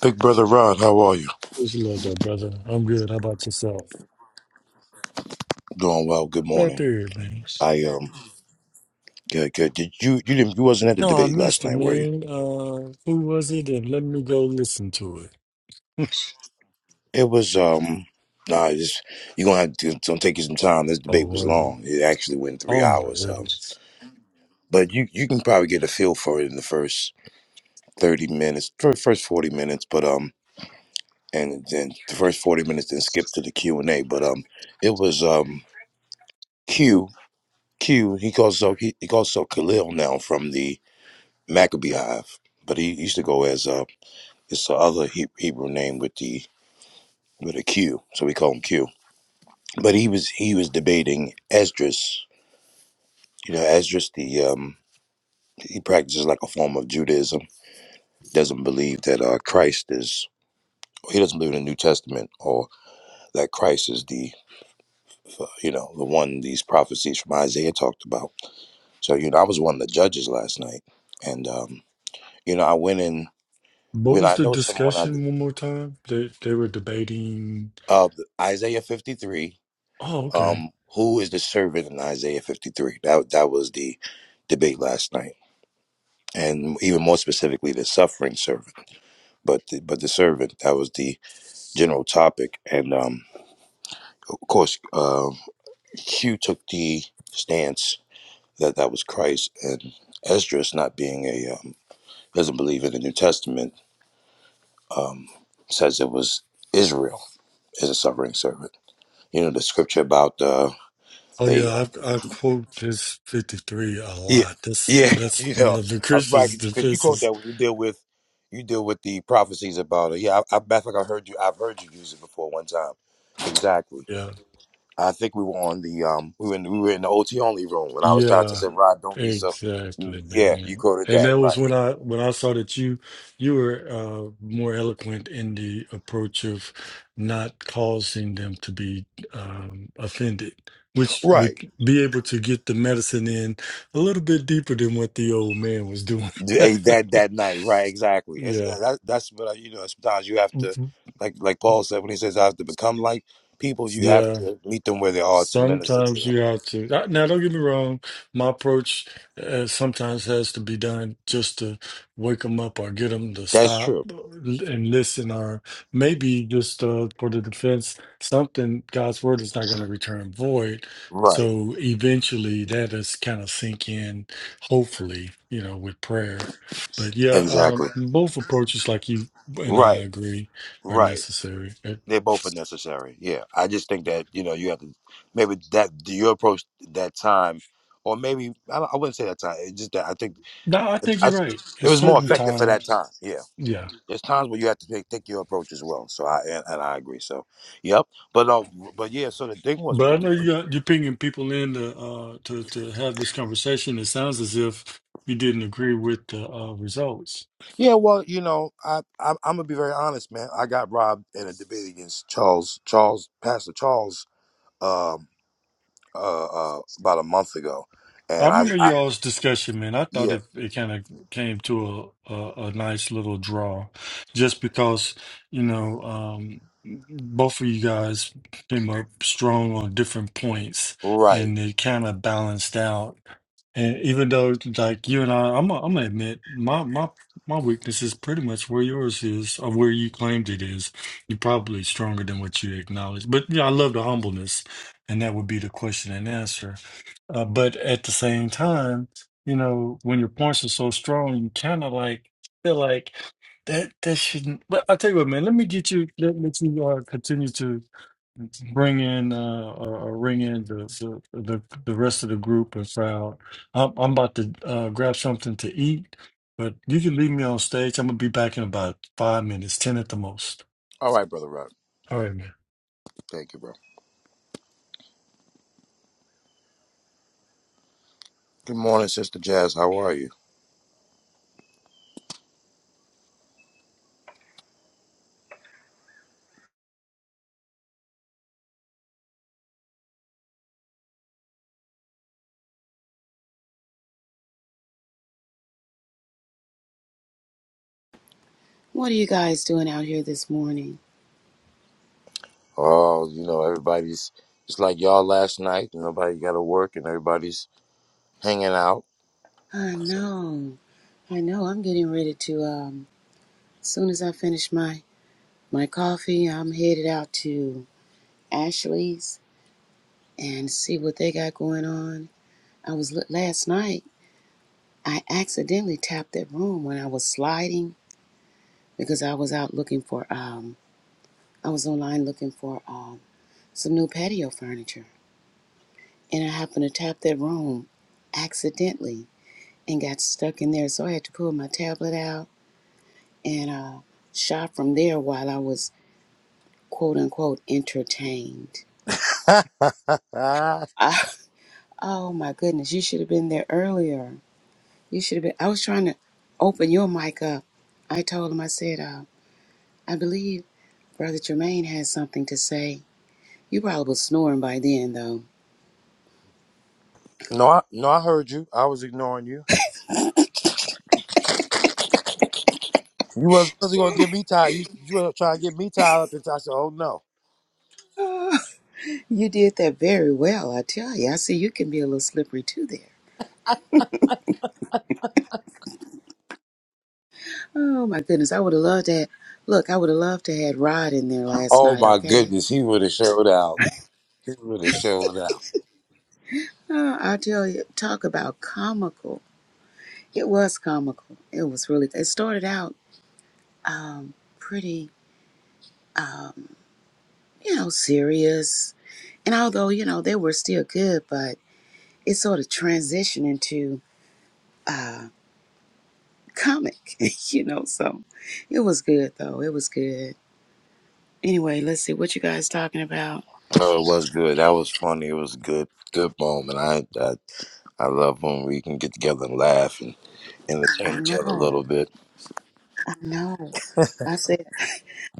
Big brother Rod, how are you? What's your love, though, brother? I'm good. How about yourself? Doing well. Good Right morning. there, man. I um good good. Did you you didn't you wasn't at the No, I debate last missed it, night, were you? man. Uh, who was it? And let me go listen to it. It was um nah, just you're gonna have to it's gonna take you some time. This Oh, debate was was it? long. It actually went three Oh my hours. Um goodness. but you you can probably get a feel for it in the first thirty minutes, fir- first forty minutes, but um and then the first forty minutes then skip to the Q and A. But um it was um Q Q he calls so he, he calls so Khalil now from the Maccabee Hive. But he used to go as uh It's the other He- Hebrew name with the with a Q, so we call him Q. But he was he was debating Esdras. You know, Esdras the um he practices like a form of Judaism. Doesn't believe that uh, Christ is. He doesn't believe in the New Testament or that Christ is the uh, you know the one these prophecies from Isaiah talked about. So you know, I was one of the judges last night, and um, you know, I went in What when was I the know someone I discussion one more time? They they were debating. of Isaiah fifty three Oh, okay. Um, who is the servant in Isaiah 53? That that was the debate last night, and even more specifically, the suffering servant. But the, but the servant that was the general topic, and um, of course, uh, Q took the stance that that was Christ, and Esdras not being a um, doesn't believe in the New Testament um, says it was Israel is a suffering servant. You know the scripture about uh, Oh they yeah, I I quote this fifty three a Yeah, lot. That's yeah, that's you one know, of the I'm right Christian's because you quote defenses. that when you deal with you deal with the prophecies about it. Yeah, I, I, I think I heard you. I've heard you use it before one time. Exactly. Yeah. I think we were on the um we were in, we were in the OT only room when I was talking to say, Yeah, Rod, don't be so. You, exactly, yeah, you man. quoted And that that was when right. I when I saw that you you were uh, more eloquent in the approach of not causing them to be um, offended, which Right. would be able to get the medicine in a little bit deeper than what the old man was doing. Hey, that that night. Right. Exactly. It's, Yeah. uh, that, that's what I, you know. Sometimes you have to, Mhm. like like Paul said when he says, "I have to become like people." You have Yeah. to meet them where they are to minister to Sometimes them. you have to. uh, Now, don't get me wrong. My approach uh, sometimes has to be done just to wake them up or get them to That's stop true. and listen, or maybe just uh, for the defense, something God's word is not going to return void. Right. So eventually that is kind of sink in, hopefully, you know, with prayer. But yeah, um, Exactly. both approaches, like you and I Right. agree, are Right. necessary. Uh, They both are necessary. Yeah. I just think that you know you have to maybe that your approach that time, or maybe I, don't- I wouldn't say that time. It's just that I think No, I think I, you're right. it At was more certain effective for that times, time. Yeah. yeah. There's times where you have to take, take your approach as well. So I and, and I agree. So, yep. But uh, but yeah. So the thing was with But I know the you got, you're pinging people in to, uh, to to have this conversation. It sounds as if you didn't agree with the uh, results. yeah. Well, you know, I I'm, I'm gonna be very honest, man. I got robbed in a debate against Charles Charles Pastor Charles. um, uh, uh, about a month ago, I and I, remember I y'all's discussion, man. I thought yeah, it, it kind of came to a, a a nice little draw, just because you know um, both of you guys came up strong on different points, right. and it kind of balanced out And even though, like you and I, I'm, i I'm gonna admit my my my weakness is pretty much where yours is, or where you claimed it is. You're probably stronger than what you acknowledge. But yeah, I love the humbleness, and that would be the question and answer. Uh, but at the same time, you know, when your points are so strong, you kind of like feel like that that shouldn't. But I tell you what, man, let me get you. Let, let you uh, continue to bring in uh or, or ring in the, the the the rest of the group and crowd. I'm I'm about to uh grab something to eat, but you can leave me on stage. I'm gonna be back in about five minutes, ten at the most. All right, brother Rock. All right, man. Thank you, bro. Good morning, sister Jazz. How are you? What are you guys doing out here this morning? Oh, you know, everybody's it's like y'all last night. Nobody got to work, and everybody's hanging out. I know. I know. I'm getting ready to um as soon as I finish my my coffee, I'm headed out to Ashley's and see what they got going on. I was look last night. I accidentally tapped that room when I was sliding because I was out looking for um I was online looking for um some new patio furniture and I happened to tap that room accidentally and got stuck in there so I had to pull my tablet out and uh, shot from there while I was quote unquote entertained. no, I, I, oh my goodness, you should have been there earlier. You should have been. I was trying to open your mic up. I told him, I said, uh, I believe Brother Jermaine has something to say. You probably was snoring by then, though. no, I heard you. I was ignoring you. You wasn't gonna get me tied. You you were trying to get me tied up, and I said, "Oh no." you did that very well, I tell you. I see you can be a little slippery too there. Oh my goodness, I would have loved to have, look, I would have loved to have had Rod in there last Oh night, my okay? goodness, he would have showed out. He would have showed out. Uh, I tell you, talk about comical. It was comical. It was really. It started out um, pretty, um, you know, serious. And although you know they were still good, but it sort of transitioned into uh, comic. You know, so it was good though. It was good. Anyway, let's see what you guys talking about. Oh, it was good. That was funny. It was a good, good moment. I, I, I love when we can get together and laugh and I entertain each other a know. little bit. I know. I said.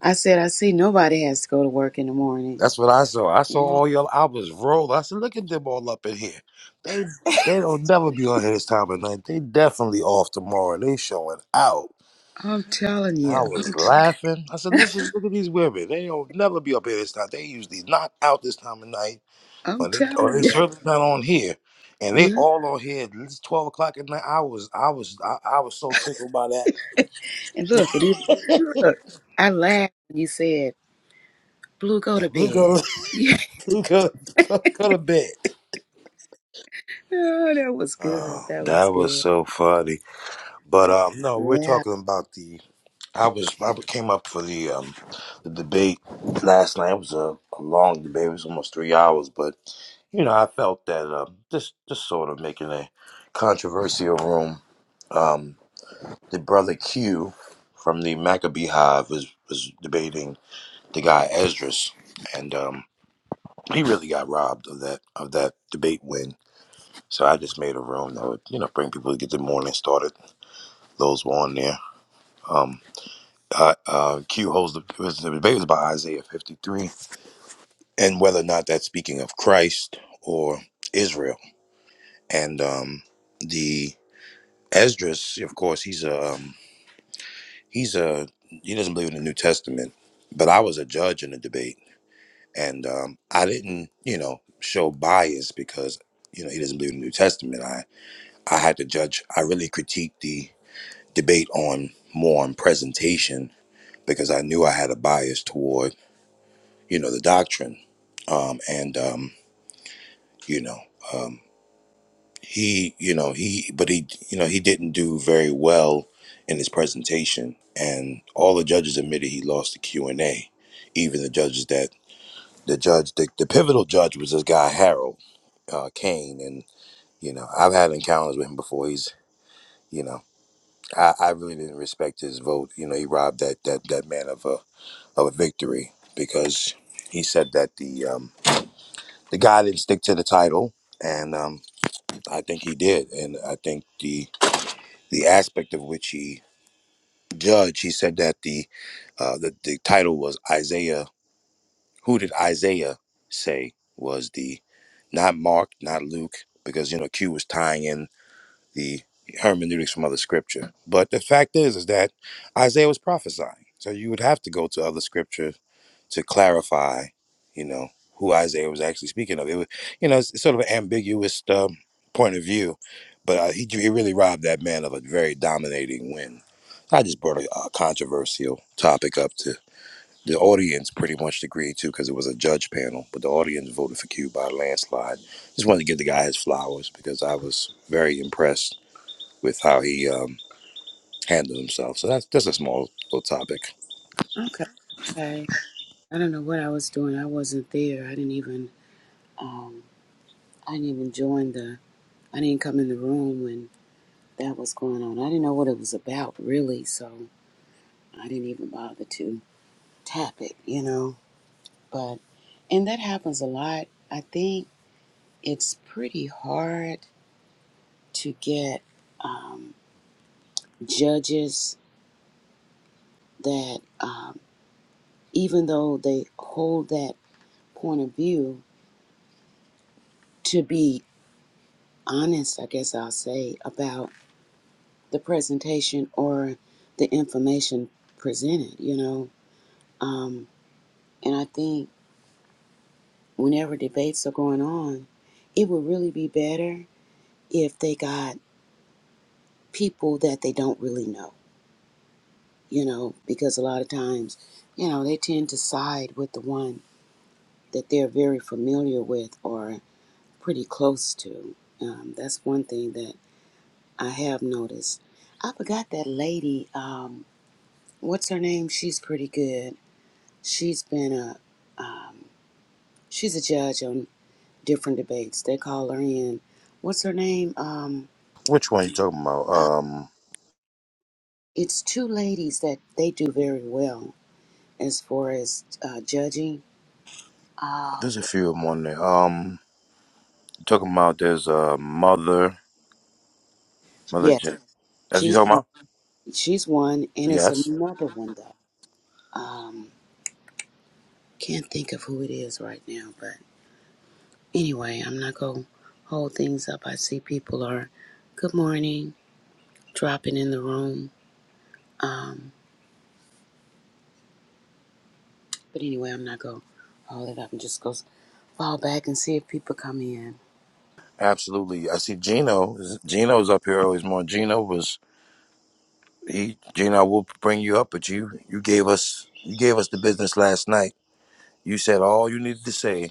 I said. I see. Nobody has to go to work in the morning. That's what I saw. I saw Yeah, all y'all. I was rolled. I said, look at them all up in here. They, they don't never be on here this time of night. They definitely off tomorrow. They showing out. I'm telling I you. was I'm. T- laughing. I said, listen, look at these women. They don't never be up here this time. They usually knock out this time of night. I'm Or, they, or telling it's you. certainly not on here. And they Yeah. all on here. It's twelve o'clock at night. I was, I was, I, I was so tickled by that. And look, it, I laughed when you said. Blue, go Yeah, to blue bed. go, blue go, go, go to bed. Yeah, oh, that was good. Oh, That that was was good. so funny. But um, no, we're Yeah. talking about the. I was, I came up for the um, the debate last night. It was a, a long debate. It was almost three hours, but you know, I felt that um, just, just sort of making a controversial room. um. the brother Q from the Maccabee Hive was, was debating the guy Esdras, and um, he really got robbed of that of that debate win. So I just made a room that would you know bring people to get the morning started. Those were on there. Um, uh, uh, Q holds the, it was, the debate was about Isaiah fifty three and whether or not that's speaking of Christ or Israel, and um, the Esdras, of course, he's a um, he's a he doesn't believe in the New Testament, but I was a judge in the debate, and um, I didn't you know show bias because you know he doesn't believe in the New Testament. I I had to judge. I really critiqued the debate on more on presentation because I knew I had a bias toward you know the doctrine, um, and um, you know. Um, he you know he but he you know he didn't do very well in his presentation and all the judges admitted he lost the q&a even the judges that the judge the, the pivotal judge was this guy harold uh, kane and you know i've had encounters with him before he's you know I, I really didn't respect his vote you know he robbed that that that man of a of a victory because he said that the um the guy didn't stick to the title and um i think he did and i think the. the aspect of which he judged. He said that the uh, the, the title was Isaiah. Who did Isaiah say was the not Mark, not Luke, because you know Q was tying in the hermeneutics from other scripture. But the fact is, is that Isaiah was prophesying. So you would have to go to other scripture to clarify, you know, who Isaiah was actually speaking of. It was, you know, it's, it's sort of an ambiguous um, point of view, but uh, he, he really robbed that man of a very dominating win. I just brought a, a controversial topic up to the audience pretty much agreed to because it was a judge panel, but the audience voted for Q by a landslide. Just wanted to give the guy his flowers because I was very impressed with how he um, handled himself. So that's that's a small little topic. Okay. Okay. I don't know what I was doing. I wasn't there. I didn't even. Um. I didn't even join the. I didn't come in the room when that was going on. I didn't know what it was about really, so I didn't even bother to tap it. You know. But, and that happens a lot. I think it's pretty hard to get um, judges that. Um, even though they hold that point of view, to be honest, I guess I'll say, about the presentation or the information presented, you know. Um, and I think whenever debates are going on, it would really be better if they got people that they don't really know, you know, because a lot of times, you know, they tend to side with the one that they're very familiar with or pretty close to. Um, that's one thing that I have noticed. I forgot that lady. Um, what's her name? She's pretty good. She's been a um, she's a judge on different debates. They call her in. What's her name? Um, Which one you talking about? uh, Um, it's two ladies that they do very well as far as uh, judging. Oh, there's a good. few of them on there. Um, you talking about there's a mother, mother. Yes, Jen. That's what you she's talking one. about? She's one, and it's Yes, another one though. Um, can't think of who it is right now, but. Anyway, I'm not going to hold things up. I see people are, good morning, dropping in the room. Um, but anyway, I'm not going to hold it up and just go s- fall back and see if people come in. absolutely. I see Gino. is- Gino's up here always more. Gino was he? Gino, I will bring you up, but you you gave us you gave us the business last night. You said all you needed to say.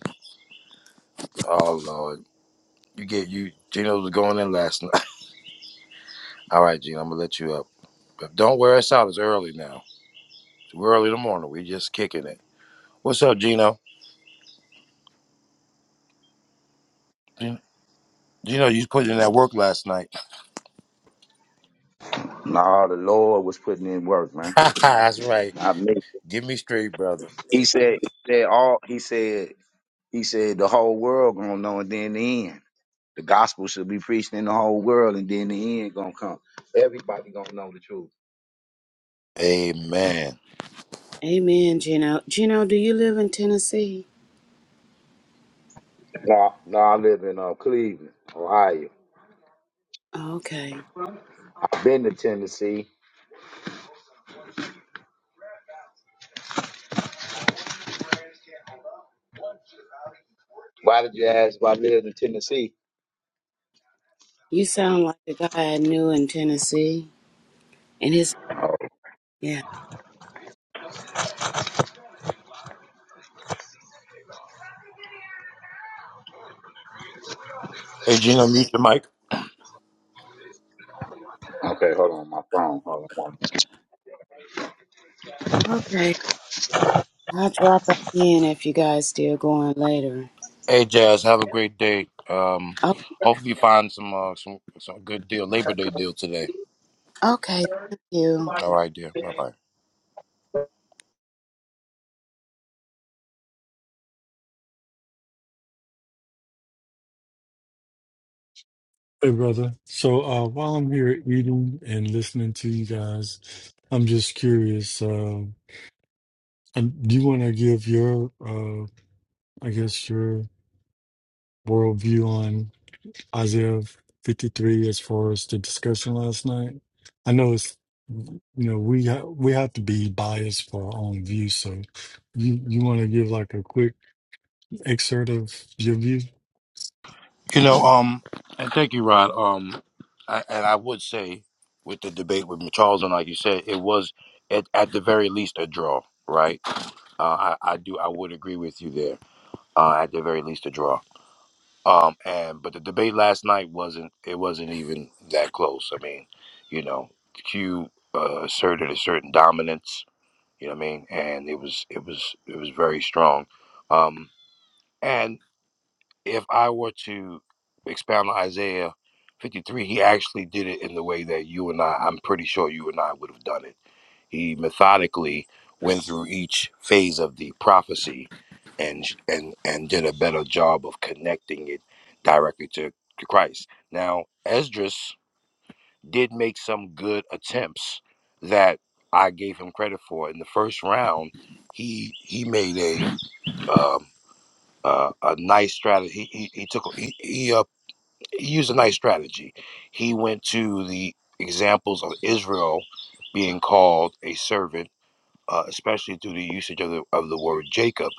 Oh Lord, you get you. Gino was going in last night. All right, Gino, I'm gonna let you up. But don't wear us out. It's early now. Too early in the morning. We just kicking it. What's up, Gino? Gino, Gino, you put in that work last night. Nah, the Lord was putting in work, man. That's right. I mean, Give me straight, brother. he said, he said all, he said, he said the whole world gonna know, and then the end, the gospel should be preached in the whole world, and then the end gonna come. Everybody gonna know the truth. Amen. Amen, Gino. Gino, do you live in Tennessee? No, no, I live in uh, Cleveland, Ohio. Oh, okay. I've been to Tennessee. Why did you ask if I lived in Tennessee? You sound like the guy I knew in Tennessee. And his, Oh, yeah. Hey, Gino, mute your mic. okay, hold on, my phone. Hold on. Okay. I'll drop back in if you guys still going later. Hey, Jazz, have a great day. Um, Oh, hopefully you find some uh, some some good deal, Labor Day deal today. okay. Thank you. All right, dear. Bye bye. Hey brother. So uh while I'm here eating and listening to you guys, I'm just curious, uh um, do you wanna give your uh I guess your worldview Isaiah 53 as far as the discussion last night. I know it's you know we ha- we have to be biased for our own view. So you you want to give like a quick excerpt of your view? You know, um, and thank you, Rod. Um, I, and I would say with the debate with Charles and like you said, it was at, at the very least a draw, right? Uh, I, I do. I would agree with you there. uh, at the very least a draw. Um, and but the debate last night wasn't it wasn't even that close. I mean, you know, Q uh, asserted a certain dominance. You know what I mean? And it was it was it was very strong. Um, and if I were to expound on Isaiah 53, he actually did it in the way that you and I, I'm pretty sure you and I would have done it he methodically went through each phase of the prophecy and and and did a better job of connecting it directly to, to Christ. Now, Esdras did make some good attempts that I gave him credit for. In the first round, he he made a um, uh, a nice strategy. He, he, he took he he, uh, he used a nice strategy. He went to the examples of Israel being called a servant uh, especially through the usage of the of the word Jacob,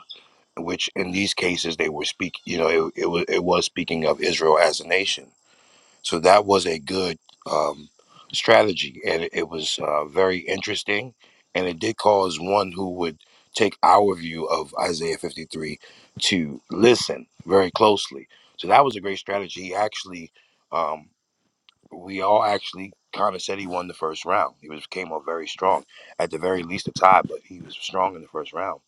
which in these cases they were speak, you know, it, it was it was speaking of Israel as a nation. So that was a good um, strategy, and it, it was uh, very interesting, and it did cause one who would take our view of Isaiah fifty three to listen very closely. So that was a great strategy. He actually. Um, we all actually kind of said he won the first round. He was came off very strong, at the very least a tie, but he was strong in the first round.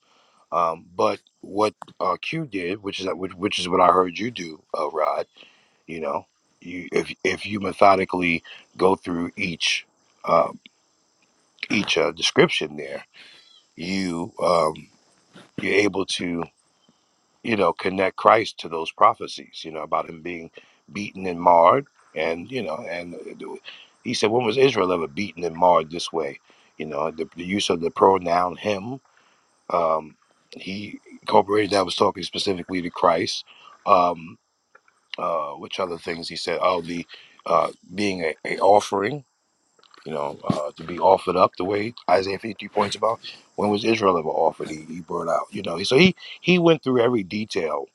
Um, but what uh, Q did, which is which, which is what I heard you do, uh, Rod. You know, you if if you methodically go through each uh, each uh, description there, you um, you're able to. you know, connect Christ to those prophecies, you know, about him being beaten and marred. And, you know, and he said, when was Israel ever beaten and marred this way? You know, the, the use of the pronoun him, um, he incorporated that was talking specifically to Christ. Um, uh, which other things he said? Oh, the uh, being a, a offering you know, uh, to be offered up the way Isaiah 53 points about. When was Israel ever offered? He, he brought out, you know. So he he went through every detail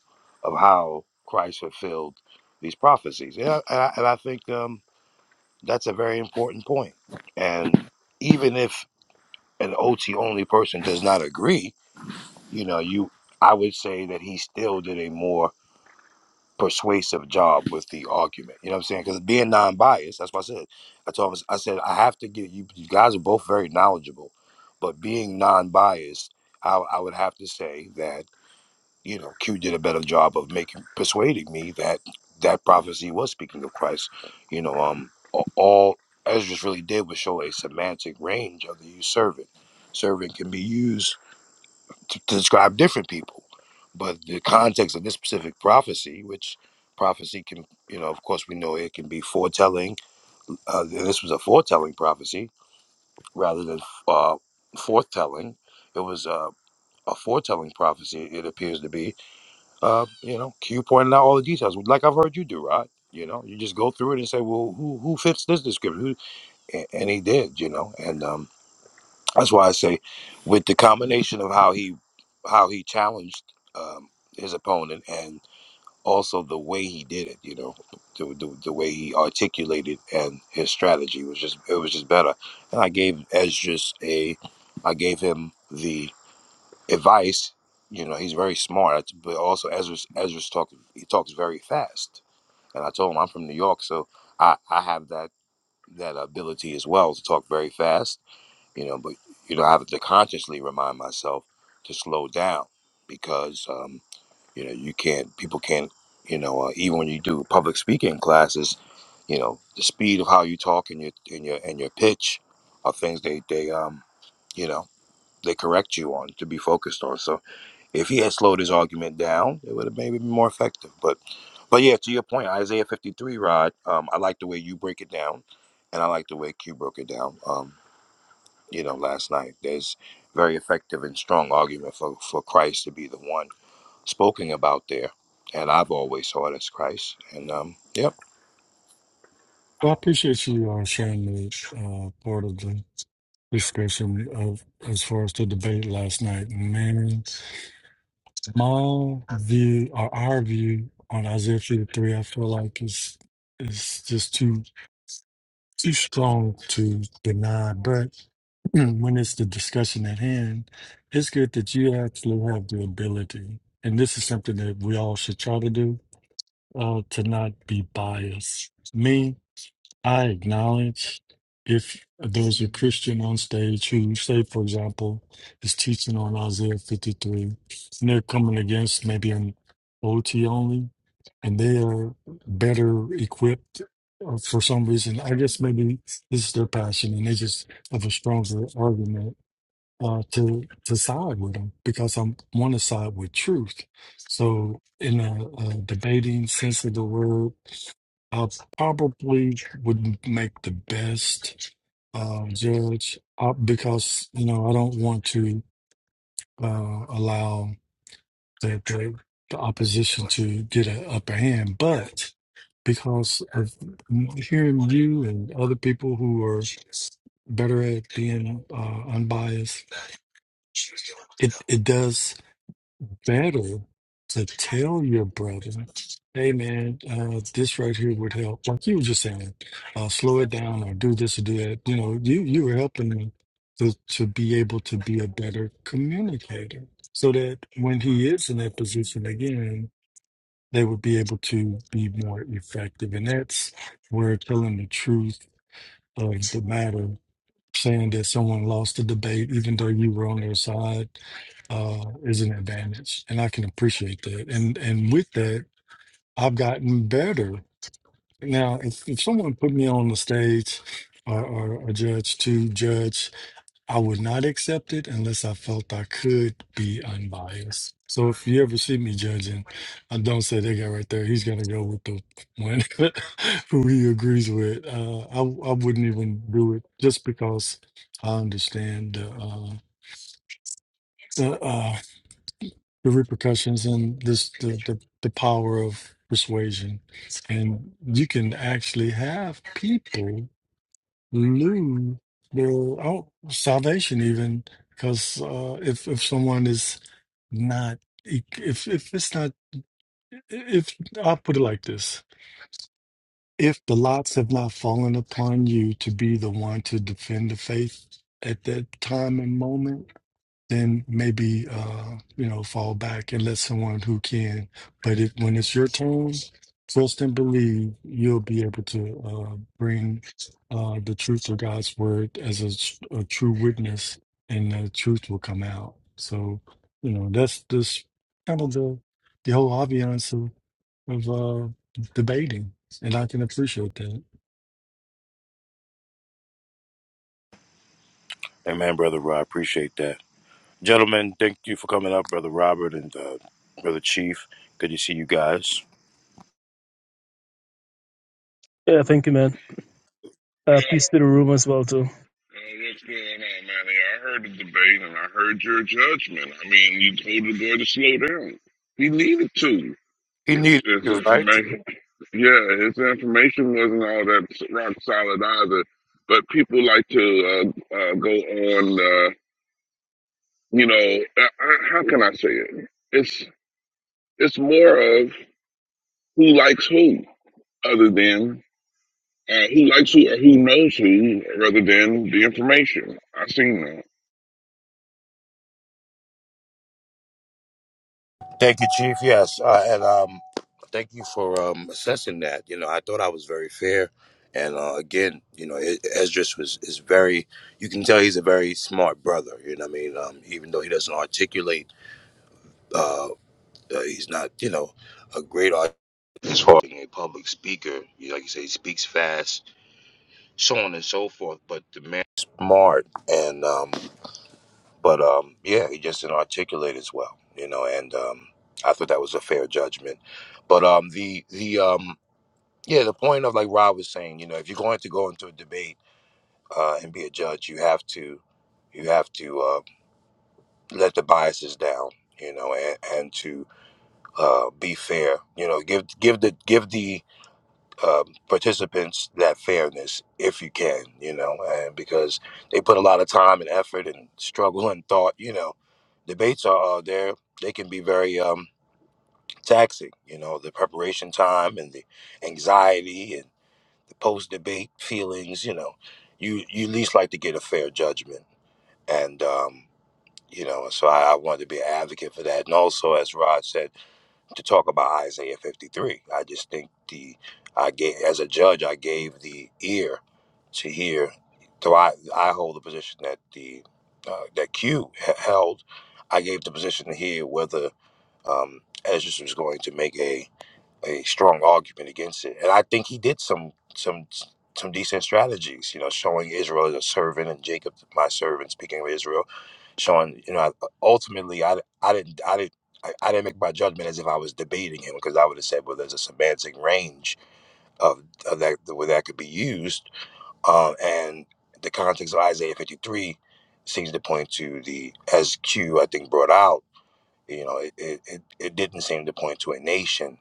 of how Christ fulfilled these prophecies, and I, and I, and I think um, that's a very important point. And even if an OT only person does not agree, you know, you I would say that he still did a more persuasive job with the argument. You know what I'm saying? Because being non-biased, that's what I said. I told him, I said, I have to get you. You guys are both very knowledgeable, but being non-biased, I, I would have to say that you know Q did a better job of making persuading me that that prophecy was speaking of Christ. You know, um, a- all Ezra really did was show a semantic range of the use servant. Servant can be used to, to describe different people. But the context of this specific prophecy, which prophecy can, you know, of course, we know it can be foretelling. Uh, and this was a foretelling prophecy rather than uh, foretelling. It was uh, a foretelling prophecy, it appears to be. Uh, you know, Q pointed out all the details, like I've heard you do, Rod. You know, you just go through it and say, well, who who fits this description? Who? a- And he did, you know. And um, that's why I say, with the combination of how he how he challenged um, his opponent and also the way he did it, you know, the, the, the way he articulated and his strategy was just it was just better. And I gave as just a I gave him the advice. You know, he's very smart, but also Ezra's Ezra's talk he talks very fast. And I told him I'm from New York, so I I have that that ability as well to talk very fast you know but you know i have to consciously remind myself to slow down because um, you know you can't people can't you know uh, even when you do public speaking classes you know the speed of how you talk and your and your and your pitch are things they they um you know they correct you on to be focused on so if he had slowed his argument down it would have maybe been more effective but but yeah to your point isaiah 53 rod um, i like the way you break it down and i like the way q broke it down Um you know, last night. There's very effective and strong argument for, for Christ to be the one spoken about there. And I've always saw it as Christ. And um, yep. Well, I appreciate you uh, sharing the uh, part of the discussion of as far as the debate last night. Man, my view or our view on Isaiah 53, I feel like is is just too too strong to deny, but Mm, when it's the discussion at hand, it's good that you actually have the ability, and this is something that we all should try to do, uh, to not be biased. Me, I acknowledge if there's a Christian on stage who, say, for example, is teaching on Isaiah 53, and they're coming against maybe an OT only, and they are better equipped uh, for some reason. I guess maybe this is their passion, and they just have a stronger argument uh, to to side with him because I want to side with truth. So in a, a debating sense of the word, I probably would make the best uh, judge uh, because you know I don't want to uh, allow the, the the opposition to get an upper hand, but because of hearing you and other people who are better at being uh, unbiased, it it does better to tell your brother, hey man, uh, this right here would help. Like you were just saying, uh, slow it down or do this or do that. You know, you you were helping them to to be able to be a better communicator, so that when he is in that position again, they would be able to be more effective. And that's where telling the truth of the matter saying that someone lost the debate, even though you were on their side, uh, is an advantage, and I can appreciate that. And and with that, I've gotten better. Now, if, if someone put me on the stage or, or a judge to judge I would not accept it unless I felt I could be unbiased. So if you ever see me judging, I don't say that guy right there. He's gonna go with the one who he agrees with. Uh, I I wouldn't even do it just because I understand the uh, the, uh, the repercussions and this the, the the power of persuasion. And you can actually have people lose their out salvation even because uh, if if someone is not e-, if if it's not if I'll put it like this if the lots have not fallen upon you to be the one to defend the faith at that time and moment then maybe uh, you know fall back and let someone who can. But if when it's your turn, trust and believe you'll be able to uh, bring uh, the truth of God's word as a, s- a true witness, and the truth will come out. So you know that's this kind of the the whole obvious of, of uh, debating. And I can appreciate that. Amen, Brother Rob. Appreciate that. Gentlemen, thank you for coming up, Brother Robert and uh, Brother Chief. Good to see you guys. Yeah, thank you, man. Yeah, Uh, peace to the room as well, too. uh, what's going on, man? I heard the debate and I heard your judgment. I mean, you told the boy to slow down. He needed to. He His, needed his to, right? information, yeah, his information wasn't all that rock solid either. But people like to uh, uh, go on. Uh, you know, uh, uh, how can I say it? It's it's more of who likes who, other than uh, who likes who or who knows who, rather than the information. I seen that. Thank you, Chief. Yes, uh, and um, thank you for um, assessing that. You know, I thought I was very fair, and uh, again, you know, I- Esdras was is very. You can tell he's a very smart brother. You know, what I mean, um, even though he doesn't articulate, uh, uh, he's not, you know, a great art as far as being a public speaker. You like you say, he speaks fast, so on and so forth. But the man, smart, and um, but um, yeah, he just didn't articulate as well, you know. And um, I thought that was a fair judgment. But um, the the um, yeah, the point of like Rob was saying, you know, if you're going to go into a debate uh, and be a judge, you have to you have to uh, let the biases down, you know, and, and to uh, be fair, you know, give give the give the um, participants that fairness if you can, you know, and because they put a lot of time and effort and struggle and thought, you know, debates are uh, there. They can be very um, taxing, you know, the preparation time and the anxiety and the post debate feelings, you know, you, you least like to get a fair judgment. And, um, you know, so I, I wanted to be an advocate for that. And also, as Rod said, to talk about Isaiah 53. I just think the I gave as a judge I gave the ear to hear. So I I hold the position that the uh, that Q h- held. I gave the position to hear whether um, Ezra was going to make a a strong argument against it. And I think he did some some some decent strategies, you know, showing Israel as a servant and Jacob my servant. Speaking of Israel, showing you know, I, ultimately, I I didn't I didn't. I, I didn't make my judgment as if I was debating him because I would have said, well, there's a semantic range of, of that where that could be used, uh, and the context of Isaiah 53 seems to point to the as Q I think brought out. You know, it, it, it it didn't seem to point to a nation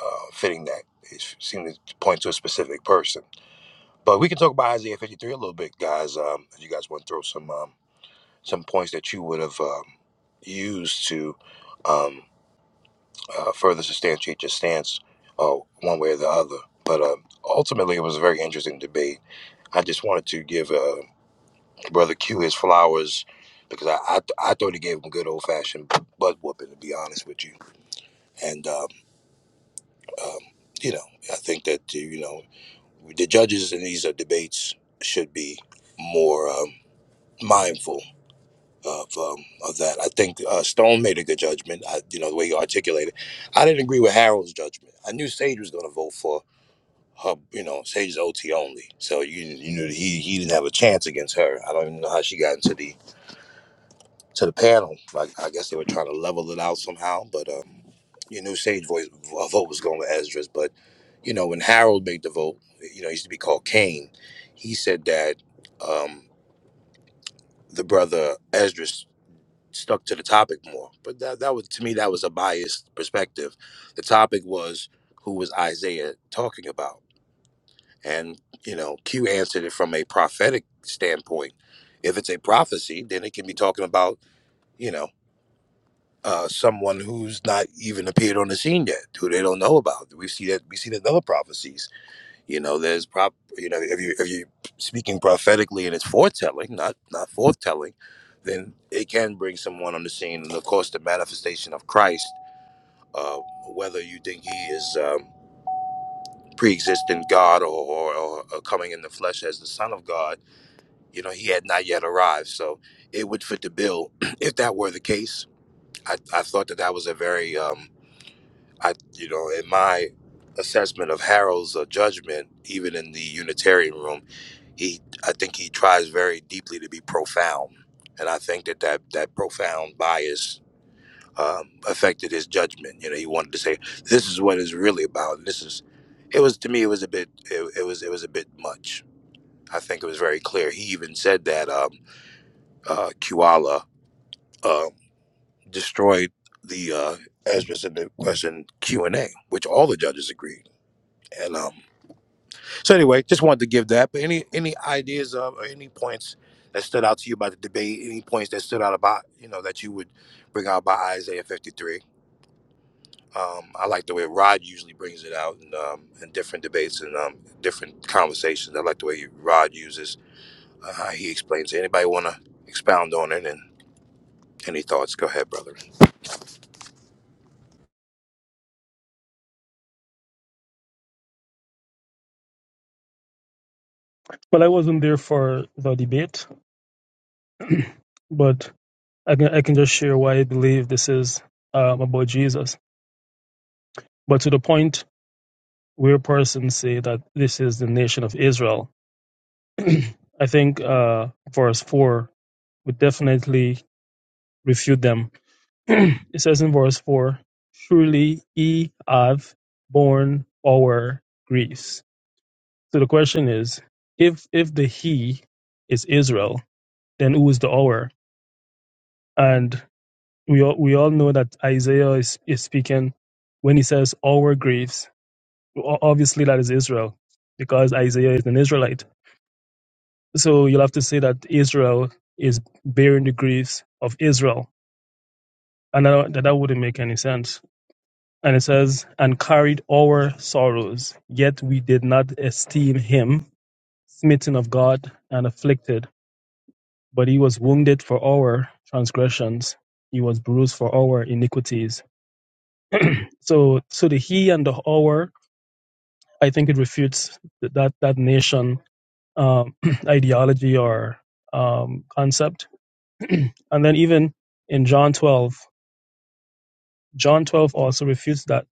uh, fitting that. It seemed to point to a specific person. But we can talk about Isaiah 53 a little bit, guys. Um, if you guys want to throw some um, some points that you would have um, used to um, uh, further substantiate your stance uh, one way or the other. But um ultimately, it was a very interesting debate. I just wanted to give uh, Brother Q his flowers because I, I, th- I thought he gave him good old fashioned butt whooping, to be honest with you. And, um, um, you know, I think that, uh, you know. The judges in these uh, debates should be more um, mindful of um, of that. I think uh, Stone made a good judgment. I, you know the way he articulated. I didn't agree with Harold's judgment. I knew Sage was going to vote for her. You know, Sage's OT only, so you you knew he he didn't have a chance against her. I don't even know how she got into the to the panel. Like I guess they were trying to level it out somehow, but um, you knew Sage voice uh, vote was going with Esdras. But you know, when Harold made the vote, you know, he used to be called Cain. He said that um, the brother Esdras stuck to the topic more, but that that was to me that was a biased perspective. The topic was who was Isaiah talking about, and you know, Q answered it from a prophetic standpoint. If it's a prophecy, then it can be talking about you know uh, someone who's not even appeared on the scene yet, who they don't know about. We see that we see that in other prophecies. You know, there's prop. You know, if you if you speaking prophetically and it's foretelling, not not forthtelling, then it can bring someone on the scene. And of course, the manifestation of Christ, uh, whether you think he is um, pre-existent God or, or, or coming in the flesh as the Son of God, you know, he had not yet arrived. So it would fit the bill if that were the case. I, I thought that that was a very um, I, you know, in my assessment of Harold's uh, judgment, even in the Unitarian room, he, I think he tries very deeply to be profound, and I think that that, that profound bias um, affected his judgment. You know, he wanted to say this is what it's really about. This is, it was to me, it was a bit, it, it was, it was a bit much. I think it was very clear. He even said that um, uh, Kuala uh, destroyed the uh, Ezra's in the question Q and A, which all the judges agreed. And um, so anyway, just wanted to give that. But any any ideas of or any points that stood out to you about the debate? Any points that stood out about you know that you would bring out by Isaiah fifty three? Um, I like the way Rod usually brings it out in, um, in different debates and um, different conversations. I like the way Rod uses uh, how he explains it. Anybody want to expound on it and any thoughts? Go ahead, brother. Well, I wasn't there for the debate, but I can I can just share why I believe this is um, about Jesus. But to the point where persons say that this is the nation of Israel, I think uh, verse four would definitely refute them. it says in verse four, "Surely ye have borne our griefs." So the question is, if if the he is Israel, then who is the hour? And we all, we all know that Isaiah is, is speaking when he says our graves. O- Obviously, that is Israel because Isaiah is an Israelite. So you'll have to say that Israel is bearing the griefs of Israel. And that, that wouldn't make any sense. And it says, and carried our sorrows, yet we did not esteem him smitten of God and afflicted. But he was wounded for our transgressions, he was bruised for our iniquities So, so the he and the our, I think it refutes th- that that nation um, ideology or um, concept. and then even in John 12, John 12 also refutes that.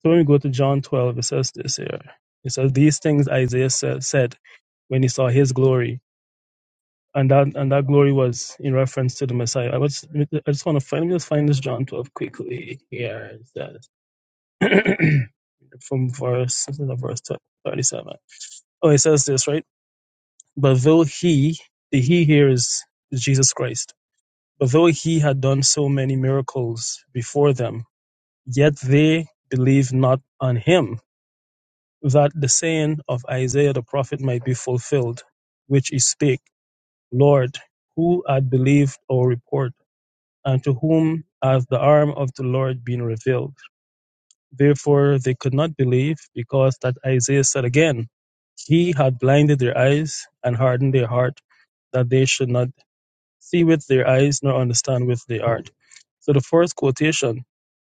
So when we go to John 12, it says this here. It says these things Isaiah sa- said when he saw his glory, and that and that glory was in reference to the Messiah. I was I just want to find let me just find this John 12 quickly here. It says from verse this is the verse 37. Oh, it says this, right? But though he, the he here is, is Jesus Christ, but though he had done so many miracles before them, yet they believed not on him, that the saying of Isaiah the prophet might be fulfilled, which he spake, Lord, who had believed our report, and to whom hath the arm of the Lord been revealed? Therefore, they could not believe, because that Isaiah said again, He had blinded their eyes and hardened their heart, that they should not see with their eyes nor understand with their heart. So the first quotation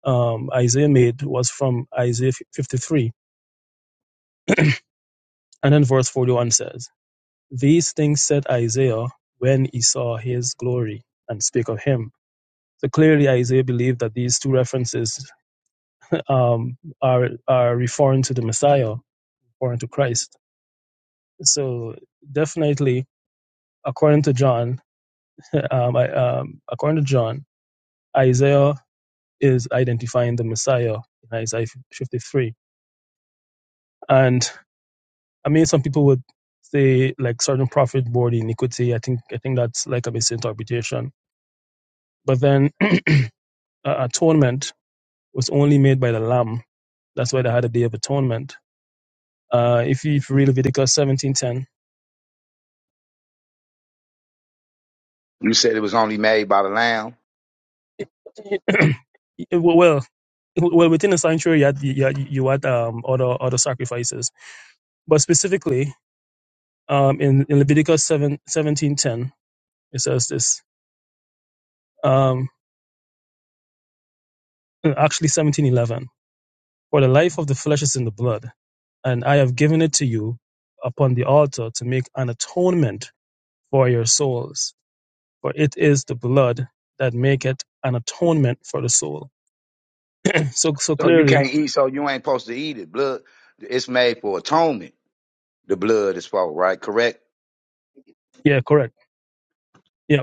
um, Isaiah made was from Isaiah 53. And then verse 41 says, These things said Isaiah when he saw his glory and spake of him. So clearly, Isaiah believed that these two references um, are, are referring to the Messiah, referring to Christ. So definitely, according to John, um, I, um, according to John, Isaiah is identifying the Messiah in Isaiah 53. And I mean, some people would say like certain prophet bore the iniquity. I think I think that's like a misinterpretation. But then uh, atonement was only made by the Lamb. That's why they had a day of atonement. Uh, if you if you read Leviticus 17:10, You said it was only made by the Lamb, well, well within the sanctuary you had you had, you had um other other sacrifices but specifically um in, in leviticus seven seventeen ten, it says this um actually seventeen eleven for the life of the flesh is in the blood and i have given it to you upon the altar to make an atonement for your souls for it is the blood that maketh an atonement for the soul so so so you clearly can't eat, so you ain't supposed to eat it. Blood, it's made for atonement. The blood is for right? Correct? yeah correct yeah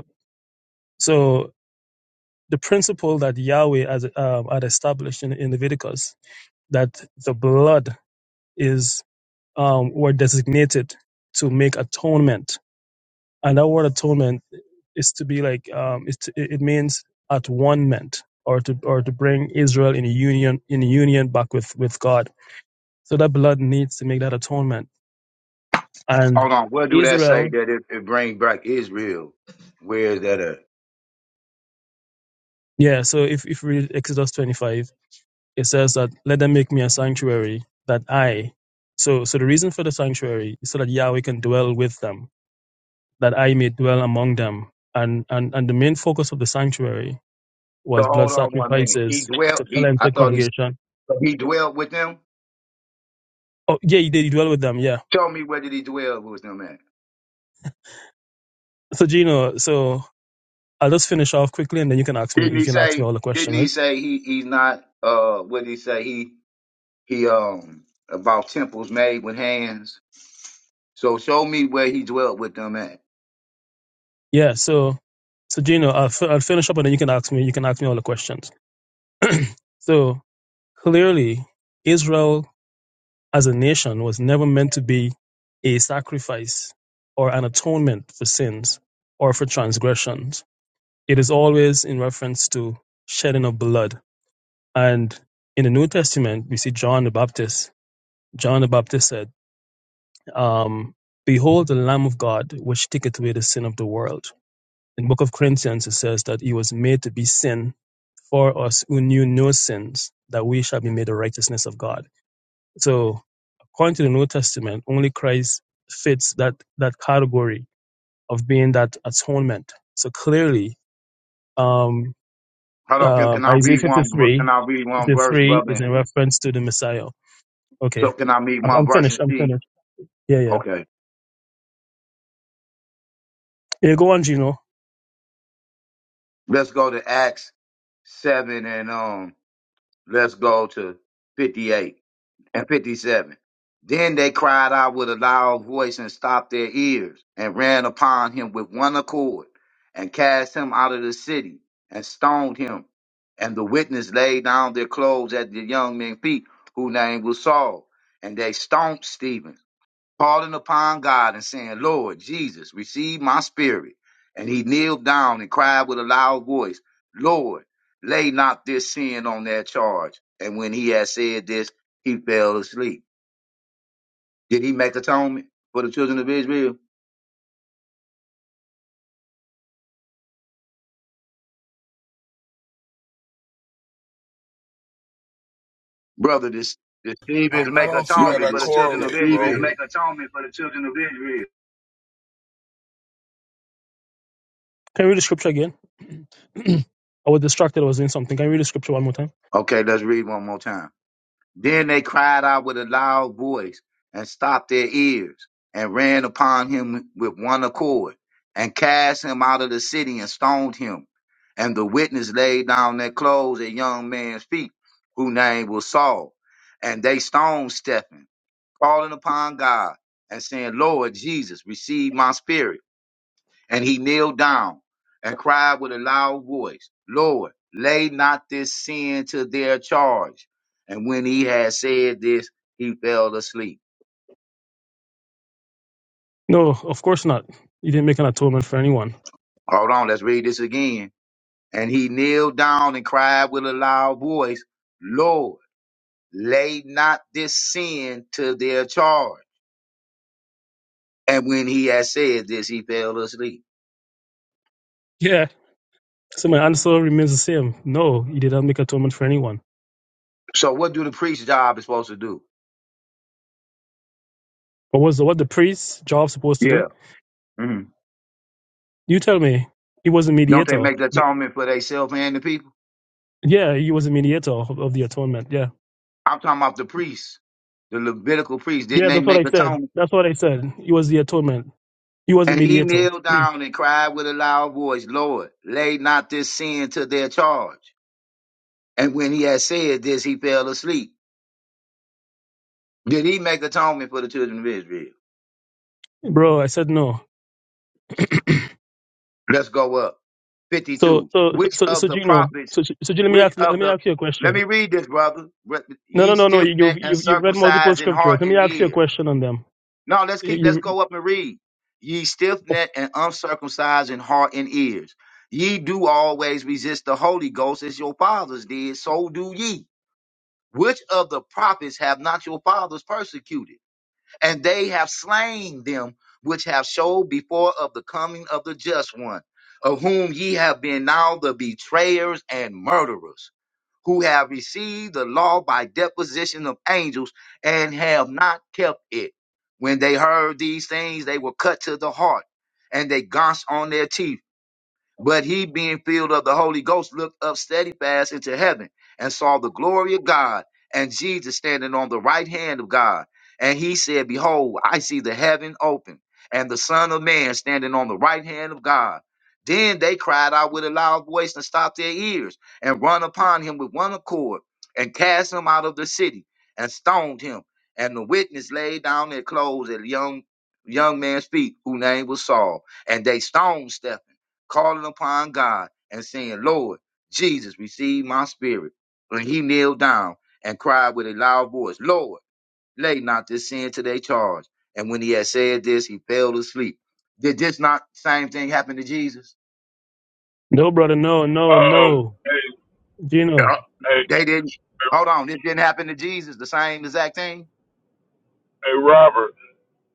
so the principle that yahweh has um, had established in, in leviticus that the blood is um, were designated to make atonement, and that word atonement is to be like um, it, it means at one meant or to or to bring Israel in union in union back with with God. So that blood needs to make that atonement, and Hold on. Where do that say Israel, that it, it bring back Israel? Where is that at? yeah. So if if we read Exodus twenty five, it says that let them make me a sanctuary that I. So so the reason for the sanctuary is so that Yahweh can dwell with them that I may dwell among them. And, and, and the main focus of the sanctuary was So blood hold on one minute. He sacrifices dwelt. to He. cleanse I the thought he. congregation. He dwelt with them. Oh, yeah, you did you dwell with them. Yeah. Show me where did he dwell with them at? So, Gino, so I'll just finish off quickly and then you can ask me, Didn't you he can ask me say? all the Didn't questions, he right? say he? He's not. Uh. What did he say? He. He. Um. About temples made with hands. So show me where he dwelt with them at. Yeah. So, so Gino, I'll, fi- I'll finish up and then you can ask me, you can ask me all the questions. So clearly Israel as a nation was never meant to be a sacrifice or an atonement for sins or for transgressions It is always in reference to shedding of blood. And in the New Testament, we see John the Baptist. John the Baptist said, um, Behold the Lamb of God, which taketh away the sin of the world. In the book of Corinthians, it says that he was made to be sin for us who knew no sins, that we shall be made the righteousness of God. So, according to the New Testament, only Christ fits that, that category of being that atonement. So clearly, um, Hold on. Can, Um, can I Isaiah read one? ver- 53, Can I read one verse, 53 is brother? in reference to the Messiah. Okay. So can I read I'm, one I'm verse finished. and I'm see? finished. Yeah, yeah. Okay. Yeah, go on, Gino. Let's go to Acts 7 and um let's go to 58 and 57. Then they cried out with a loud voice and stopped their ears and ran upon him with one accord and cast him out of the city and stoned him. And the witness laid down their clothes at the young men's feet, whose name was Saul. And they stoned Stephen calling upon God and saying, Lord Jesus, receive my spirit. And he kneeled down and cried with a loud voice, Lord, lay not this sin on their charge. And when he had said this, he fell asleep. Did he make atonement for the children of Israel? Brother, this, this I, Stevens I make don't see how atonement that for the children of correlates. the correlate, Israel. make atonement for the children of Israel. Can you read the scripture again? I was distracted. I was doing something. Can you read the scripture one more time? Okay, let's read one more time. Then they cried out with a loud voice and stopped their ears and ran upon him with one accord and cast him out of the city and stoned him. And the witness laid down their clothes at young man's feet, whose name was Saul. And they stoned Stephen, calling upon God and saying, Lord Jesus, receive my spirit. And he kneeled down and cried with a loud voice, Lord, lay not this sin to their charge. And when he had said this, he fell asleep. No, of course not. You didn't make an atonement for anyone. Hold on, let's read this again. And he kneeled down and cried with a loud voice, Lord, lay not this sin to their charge. And when he had said this, he fell asleep. Yeah. So my answer remains the same. No, you did not make atonement for anyone. So what do the priest's job is supposed to do? But was the, what the priest job supposed to do? Yeah. mhm. You tell me. He was a Don't they mediator. make the Be- atonement for themselves and the people? Yeah, he was a mediator of, of the atonement. Yeah. I'm talking about the priests, the Levitical priests. Didn't Yeah, they that's what I make said. atonement? That's what I said. He was the atonement. He was a And he mediator. kneeled down and cried with a loud voice, Lord, lay not this sin to their charge. And when he had said this, he fell asleep. Did he make atonement for the children of Israel? Bro, I said no. Let's go up. So, 52. so, Which so, so, of so the Gino, prophets, so, so Gino, let me which ask, let of me the, ask you a let question. me read this, brother. Re- No, no, Ye no, no. stiff You, you've, necked and you've you've read multiple circumcised in scriptures. heart Let me and ask you a ear question on them. No, let's keep, let's You, you- go up and read. Ye stiff necked and uncircumcised in heart and ears. Ye do always resist the Holy Ghost as your fathers did, so do ye. Which of the prophets have not your fathers persecuted? and they have slain them which have showed before of the coming of the just one, of whom ye have been now the betrayers and murderers, who have received the law by deposition of angels and have not kept it. When they heard these things, they were cut to the heart and they gnashed on their teeth but he, being filled of the Holy Ghost, looked up steadfast into heaven and saw the glory of God and Jesus standing on the right hand of God. And he said, Behold, I see the heaven open and the Son of Man standing on the right hand of God. Then they cried out with a loud voice and stopped their ears and run upon him with one accord and cast him out of the city and stoned him. And the witness laid down their clothes at a young young man's feet, whose name was Saul, and they stoned Stephen calling upon God and saying, Lord, Jesus, receive my spirit. And he kneeled down and cried with a loud voice, Lord, lay not this sin to their charge. And when he had said this, he fell asleep. Did this not same thing happen to Jesus? no, brother, no, no, Um, no, hey, Yeah. Gino, hey, They didn't. Hold on, this didn't happen to Jesus, the same exact thing? hey, Robert,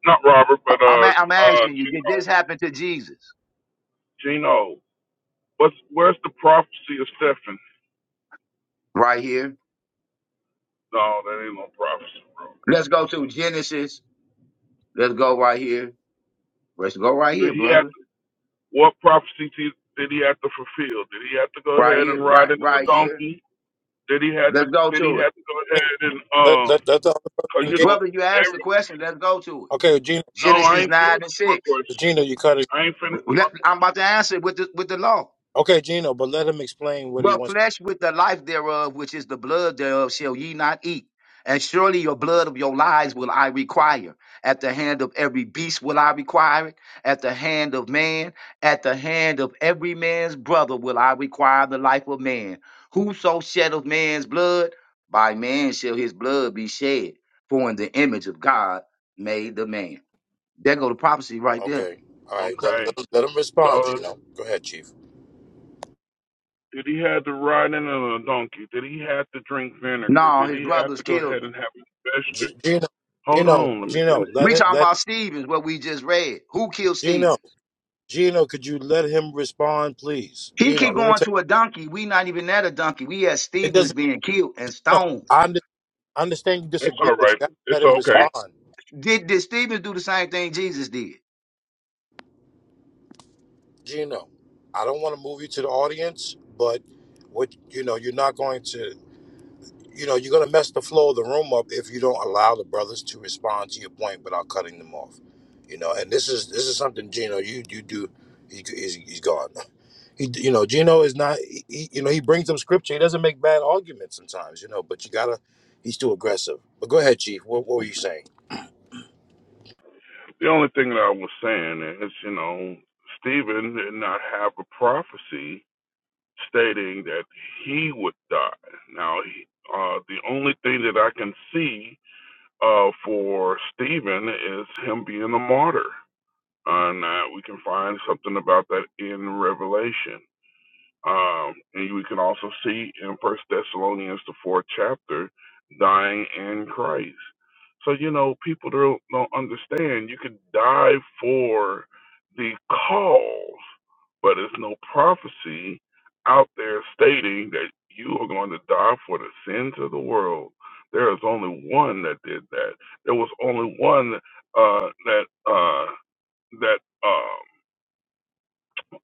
not Robert, but I- am a- uh, I'm uh, asking you, did Gino, this happen to Jesus? Gino, what's where's the prophecy of Stephen? Right here. No, that ain't no prophecy, bro. Let's go to Genesis. Let's go right here. Let's go right Did here, he have brother. to, what prophecy did did he have to fulfill? Did he have to go Right ahead here, and ride right, in on the right here. donkey? Did he have to? Let's go Did to he it. have to go ahead and Let uh? let let the other person Cause you engage. know, Brother, you asked the every question. Let's go to it. Okay, Gino, no, I Genesis ain't finished 9 and with my 6. Gino, question. you cut it. I ain't finished with my Let- question. I'm about to answer it with the, with the law. Okay, Gino, but let him explain what he But wants. flesh with the life thereof, which is the blood thereof, shall ye not eat. And surely your blood of your lives will I require. At the hand of every beast will I require it. At the hand of man, at the hand of every man's brother will I require the life of man. Whoso shed of man's blood, by man shall his blood be shed. For in the image of God made the man. There go the prophecy right there. Okay. All right. Let, Okay, let, let him respond, so Gino. Go ahead, Chief. Did he have to ride in on a donkey? Did he have to drink vinegar? No, Did his he have brothers to go killed ahead him. and have a G- special? Gino, Hold Gino, on, let me Gino, finish. let We it, talking let about Stevens, what we just read. Who killed Gino, Stevens? Gino, could you let him respond, please? He Gino, keep let me going tell to a donkey. We not even at a donkey. We at you, it Stevens doesn't, being killed and no, stoned. I under- I understand you It's disagree, all but you right. have to let It's him That- okay. respond. did, did Stevens do the same thing Jesus did? Gino, I don't want to move you to the audience, but what, you know, you're not going to. you know, you're gonna mess the flow of the room up if you don't allow the brothers to respond to your point without cutting them off. You know, and this is this is something Gino you you do. He, he's, he's gone. He, you know, Gino is not. He, he- you know, he brings up scripture. He doesn't make bad arguments sometimes. You know, but you gotta. He's too aggressive. But go ahead, Chief. What, what were you saying? The only thing that I was saying is, you know, Stephen did not have a prophecy stating that he would die. Now, uh, the only thing that I can see uh, for Stephen is him being a martyr. And uh, we can find something about that in Revelation. Um, and we can also see in First Thessalonians the fourth chapter, dying in Christ. So you know, people don't, don't understand. You can die for the cause, but there's no prophecy out there stating that you are going to die for the sins of the world. There is only one that did that. There was only one uh, that uh, that. uh,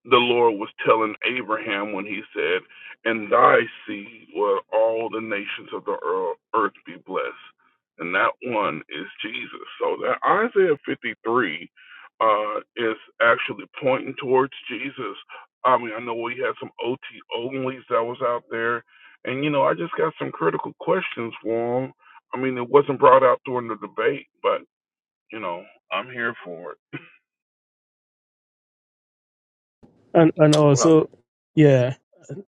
the Lord was telling Abraham when he said, In thy seed will all the nations of the earth be blessed. And that one is Jesus. So that Isaiah 53 uh, is actually pointing towards Jesus. I mean, I know we had some OT onlys that was out there. And, you know, I just got some critical questions for him. I mean, it wasn't brought out during the debate, but, you know, I'm here for it. and and Uh, also, yeah.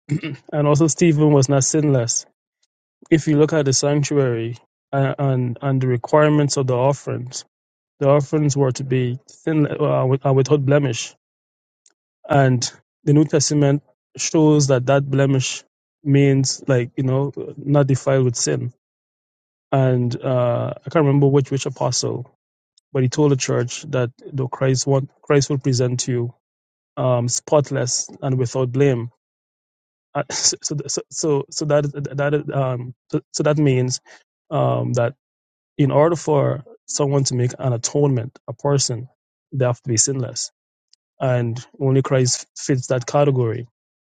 and also Stephen was not sinless. If you look at the sanctuary uh, and and the requirements of the offerings, the offerings were to be sinless uh, with, uh, without blemish, and the New Testament shows that that blemish means like you know not defiled with sin. And uh, I can't remember which which apostle, but he told the church that the Christ want Christ will present you um, spotless and without blame Uh, so, so so so so that that is- um so, so that means um that in order for someone to make an atonement, a person, they have to be sinless, and only Christ fits that category.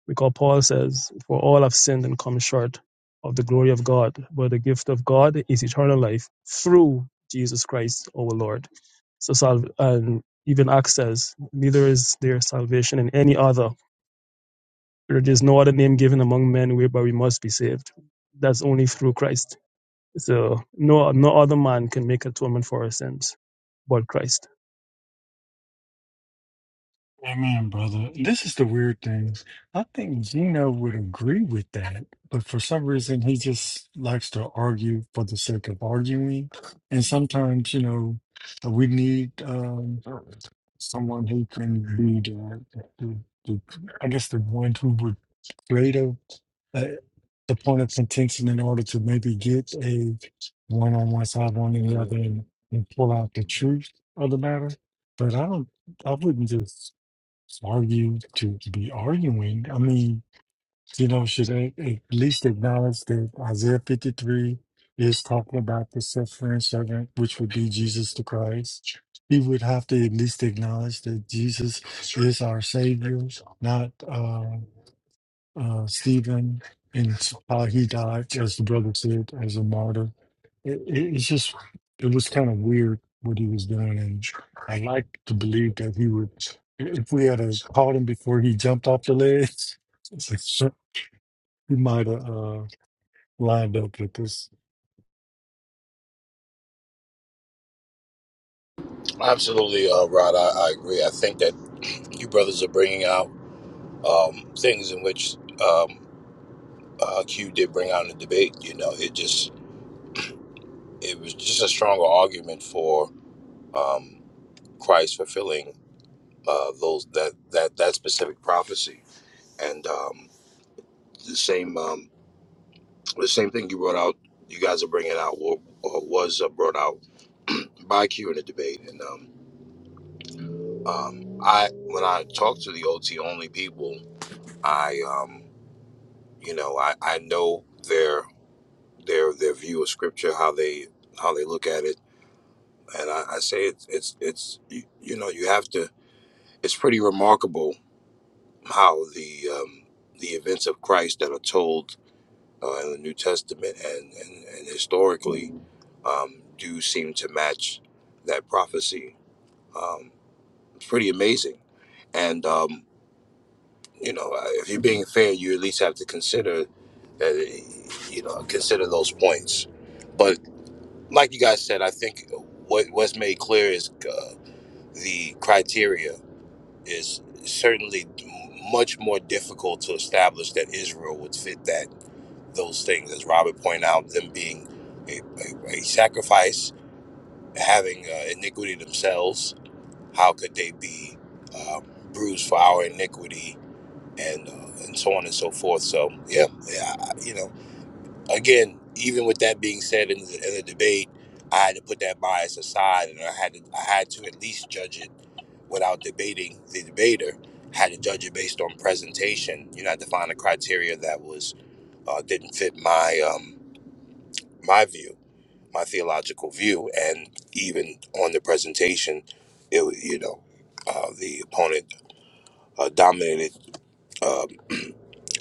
Because Paul says, "For all have sinned and come short of the glory of God, but the gift of God is eternal life through Jesus Christ, our Lord." So, salv- and even Acts says, "Neither is there salvation in any other." There is no other name given among men whereby we must be saved. That's only through Christ. So no no other man can make atonement for our sins but Christ. Amen, brother. This is the weird thing. I think Gino would agree with that, but for some reason, he just likes to argue for the sake of arguing. And sometimes, you know, we need um, someone who can be the, the, the, I guess, the one who would create a, a, the point of contention in order to maybe get a one on one side, one on the other, and, and pull out the truth of the matter. But I don't, I wouldn't just argue to be arguing. I mean, you know, should a- at least acknowledge that Isaiah 53 is talking about the suffering servant, which would be Jesus the Christ. He would have to at least acknowledge that Jesus is our Savior, not uh, uh, Stephen and how he died, as the brother said, as a martyr. It, it, it's just, it was kind of weird what he was doing. And I like to believe that he would, if we had a, caught him before he jumped off the ledge, it's like, he might have uh, lined up with this. absolutely, uh, Rod. I, I agree. I think that you brothers are bringing out um, things in which um, uh, Q did bring out in the debate. You know, it just it was just a stronger argument for um, Christ fulfilling uh, those that that that specific prophecy. And um, the same um, the same thing you brought out, you guys are bringing out or, or was uh, brought out by Q in the debate. And um, um, I when I talk to the OT only people, I um, you know I, I know their their their view of scripture, how they how they look at it. And I, I say it's it's it's you, you know you have to it's pretty remarkable how the um, the events of Christ that are told uh, in the New Testament and and, and historically um, do seem to match that prophecy. Um, it's pretty amazing, and um, you know, uh, if you're being fair, you at least have to consider that you know consider those points. But like you guys said, I think what what's made clear is uh, the criteria is certainly much more difficult to establish that Israel would fit that those things, as Robert pointed out, them being a, a, a sacrifice, having uh, iniquity themselves. How could they be uh, bruised for our iniquity, and uh, and so on and so forth? So yeah, yeah, you know, again, even with that being said in the, in the debate, I had to put that bias aside, and I had to I had to at least judge it without debating the debater. Had to judge it based on presentation. You know, I defined a criteria that was uh, didn't fit my um, my view my theological view, and even on the presentation, it wa- you know uh, the opponent uh, dominated. Um,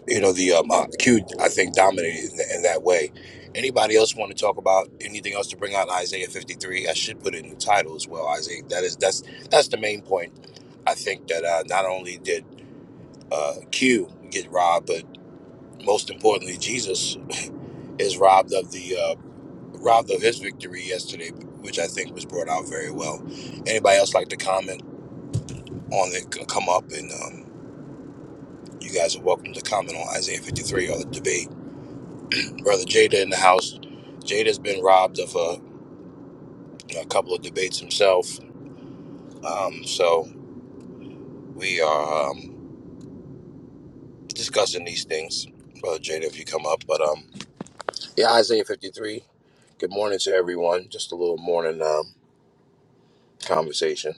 you know the um, uh, Q I think dominated in, in that way. Anybody else want to talk about anything else to bring out Isaiah fifty three? I should put it in the title as well. Isaiah that is that's that's the main point. I think that uh, not only did uh, Q get robbed, but most importantly, Jesus is robbed of the. uh, robbed of his victory yesterday, which I think was brought out very well. Anybody else like to comment on it? c- Come up and um, you guys are welcome to comment on Isaiah 53 or the debate. Brother Jada in the house. Jada's been robbed of a, a couple of debates himself. Um, so we are um, discussing these things. Brother Jada, if you come up. But um, yeah, Isaiah 53. Good morning to everyone. Just a little morning um, conversation.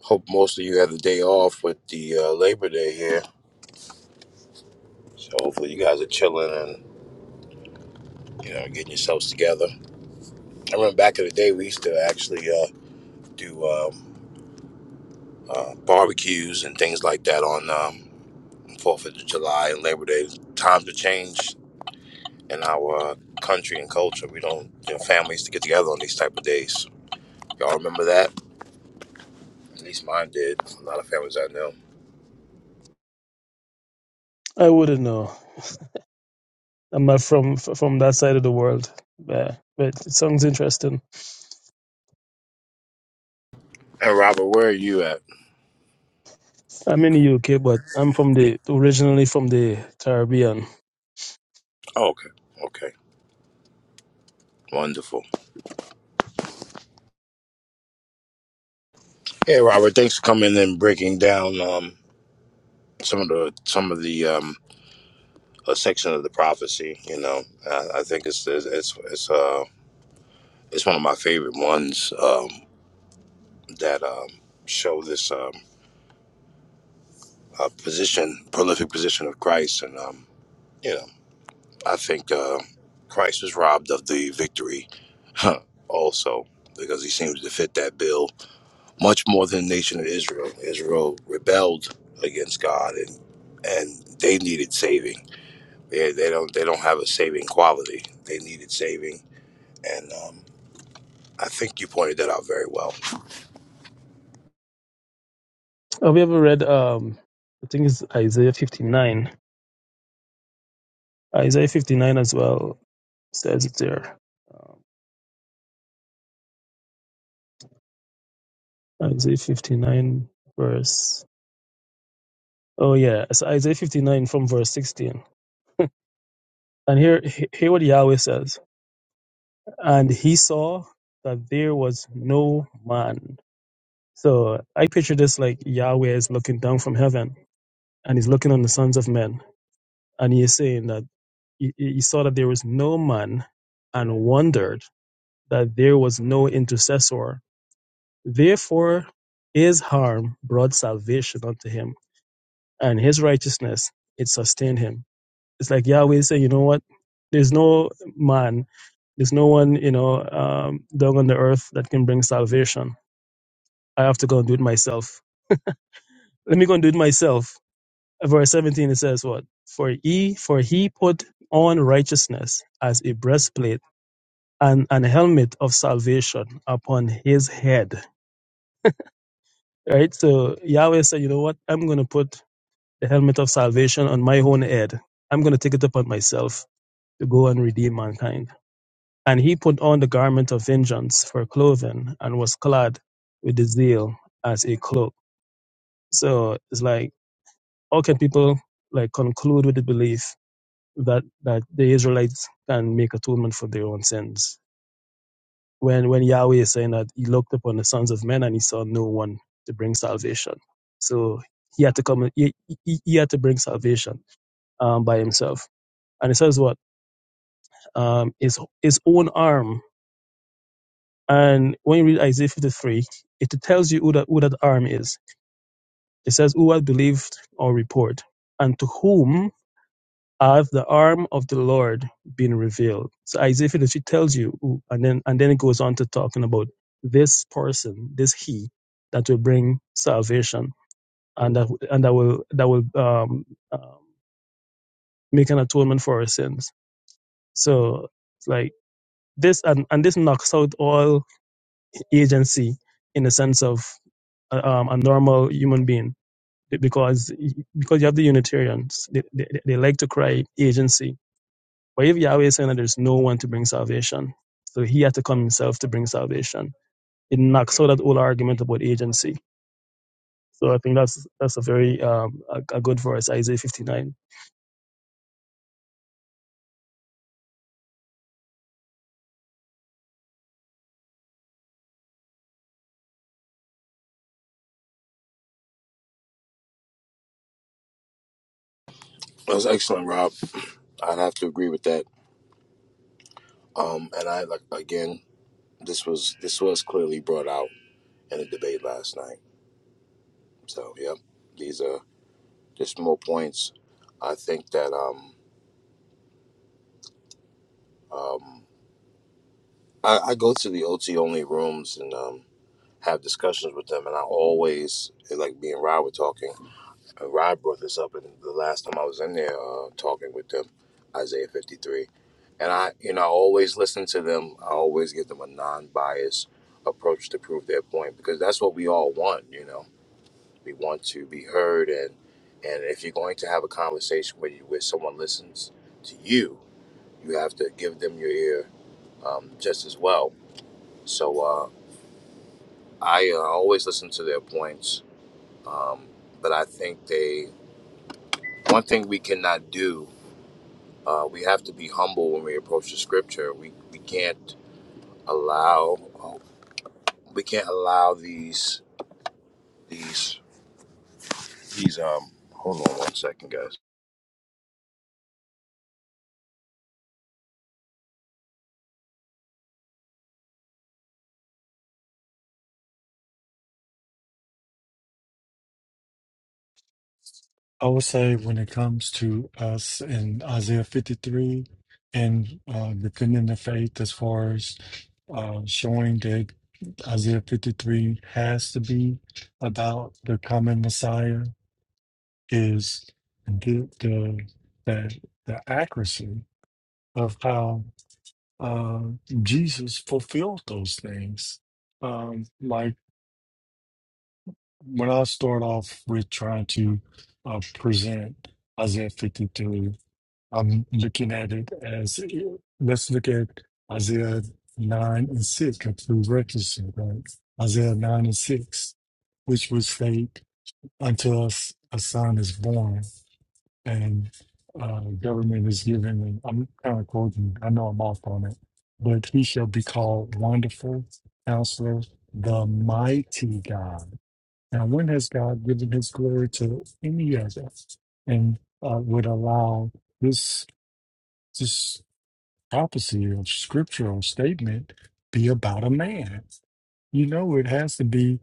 Hope most of you had the day off with the uh, Labor Day here So hopefully you guys are chilling and you know getting yourselves together. I remember back in the day we used to actually uh, do um, uh, barbecues and things like that on um, Fourth of July and Labor Day. Times have changed in our uh, country and culture. We don't you know, families to get together on these type of days. Y'all remember that? At least mine did. A lot of families I know. I wouldn't know. I'm not from from that side of the world. But, but it sounds interesting. And Robert, where are you at? I'm in the UK, but I'm from the originally from the Caribbean. Oh, okay, okay, wonderful. Hey, Robert, thanks for coming and breaking down um, some of the some of the um, a section of the prophecy. You know, I, I think it's it's it's it's, uh, it's one of my favorite ones um, that um, show this um, uh, position, prolific position of Christ, and um, you know, I think uh, Christ was robbed of the victory, also because he seems to fit that bill much more than the nation of Israel. Israel rebelled against God and. And they needed saving. They, they don't. They don't have a saving quality. They needed saving, and um, I think you pointed that out very well. Have you ever read um I think it's Isaiah 59. Isaiah 59 as well says it there. Um, Isaiah 59 verse Oh yeah, it's Isaiah 59 from verse 16. And here, he- hear what Yahweh says. And he saw that there was no man. So I picture this like Yahweh is looking down from heaven and he's looking on the sons of men. And he is saying that he, he saw that there was no man and wondered that there was no intercessor. Therefore, his harm brought salvation unto him and his righteousness, it sustained him. It's like Yahweh say, you know what? There's no man, there's no one, you know, um, down on the earth that can bring salvation. I have to go and do it myself. Let me go and do it myself. Verse 17, it says what? For he, for he put on righteousness as a breastplate and an helmet of salvation upon his head. Right? So Yahweh said, you know what? I'm going to put the helmet of salvation on my own head. I'm going to take it upon myself to go and redeem mankind And he put on the garment of vengeance for clothing and was clad with the zeal as a cloak. So it's like, how can people like conclude with the belief that, that the Israelites can make atonement for their own sins? When, when Yahweh is saying that he looked upon the sons of men and he saw no one to bring salvation. So he had to come, he, he, he had to bring salvation um, by himself. And it says what? Um, his, his own arm And when you read Isaiah 53, it tells you who that, who that arm is. It says, Who hath believed our report? And to whom hath the arm of the Lord been revealed? So Isaiah 53 tells you who, and then and then it goes on to talking about this person, this he that will bring salvation and that and that will that will um, um, make an atonement for our sins. So it's like this and, and this knocks out all agency in the sense of um, a normal human being because because you have the Unitarians, they, they, they like to cry agency. But if Yahweh is saying that there's no one to bring salvation, so he had to come himself to bring salvation, it knocks out that whole argument about agency. So I think that's that's a very um, a, a good verse, Isaiah 59. That was excellent, Rob. I'd have to agree with that. Um, and I like again, this was this was clearly brought out in the debate last night. So yeah, these are just more points. I think that um, um, I, I go to the OT only rooms and um, have discussions with them, and I always like me and Rob were talking. Uh, Rod brought this up in the last time I was in there uh, talking with them, Isaiah 53. And I, you know, I always listen to them. I always give them a non-biased approach to prove their point because that's what we all want. You know, we want to be heard, and and if you're going to have a conversation where you, where someone listens to you, you have to give them your ear um, just as well. So uh, I uh, always listen to their points, um, but I think they one thing we cannot do Uh, we have to be humble when we approach the scripture. We we can't allow uh, we can't allow these these these um. Hold on one second, guys. I would say when it comes to us in Isaiah 53 and uh, defending the faith as far as uh, showing that Isaiah 53 has to be about the coming Messiah is the the the, the accuracy of how uh, Jesus fulfilled those things. Um, like when I start off with trying to uh, present Isaiah 53. I'm looking at it as let's look at Isaiah 9 and 6, a prerequisite, right? Isaiah 9 and 6, which would state, Unto us a son is born, and uh, government is given. And I'm kind of quoting, I know I'm off on it, but he shall be called Wonderful Counselor, the Mighty God. Now, when has God given his glory to any of us and uh, would allow this? prophecy or scriptural statement be about a man? You know, it has to be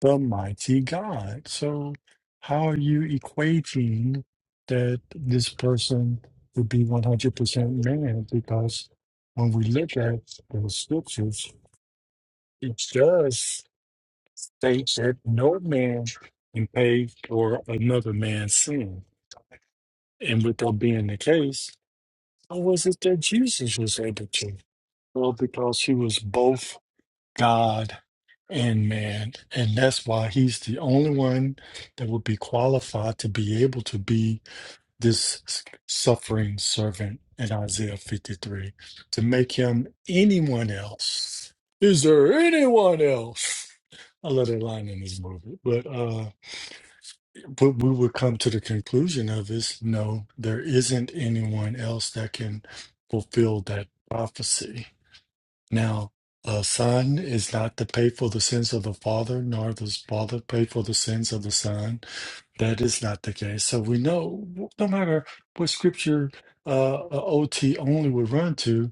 the mighty God. So, how are you equating that this person would be 100% man? Because when we look at the scriptures, it does state that no man can pay for another man's sin. And with that being the case, how was it that Jesus was able to? Well, because he was both God and man. And that's why he's the only one that would be qualified to be able to be this s- suffering servant in Isaiah 53. To make him anyone else. Is there anyone else? I love that line in this movie. But uh what we would come to the conclusion of is no, there isn't anyone else that can fulfill that prophecy now, the Son is not to pay for the sins of the Father, nor the Father pay for the sins of the Son. That is not the case. So we know, no matter what scripture uh, a OT only would run to,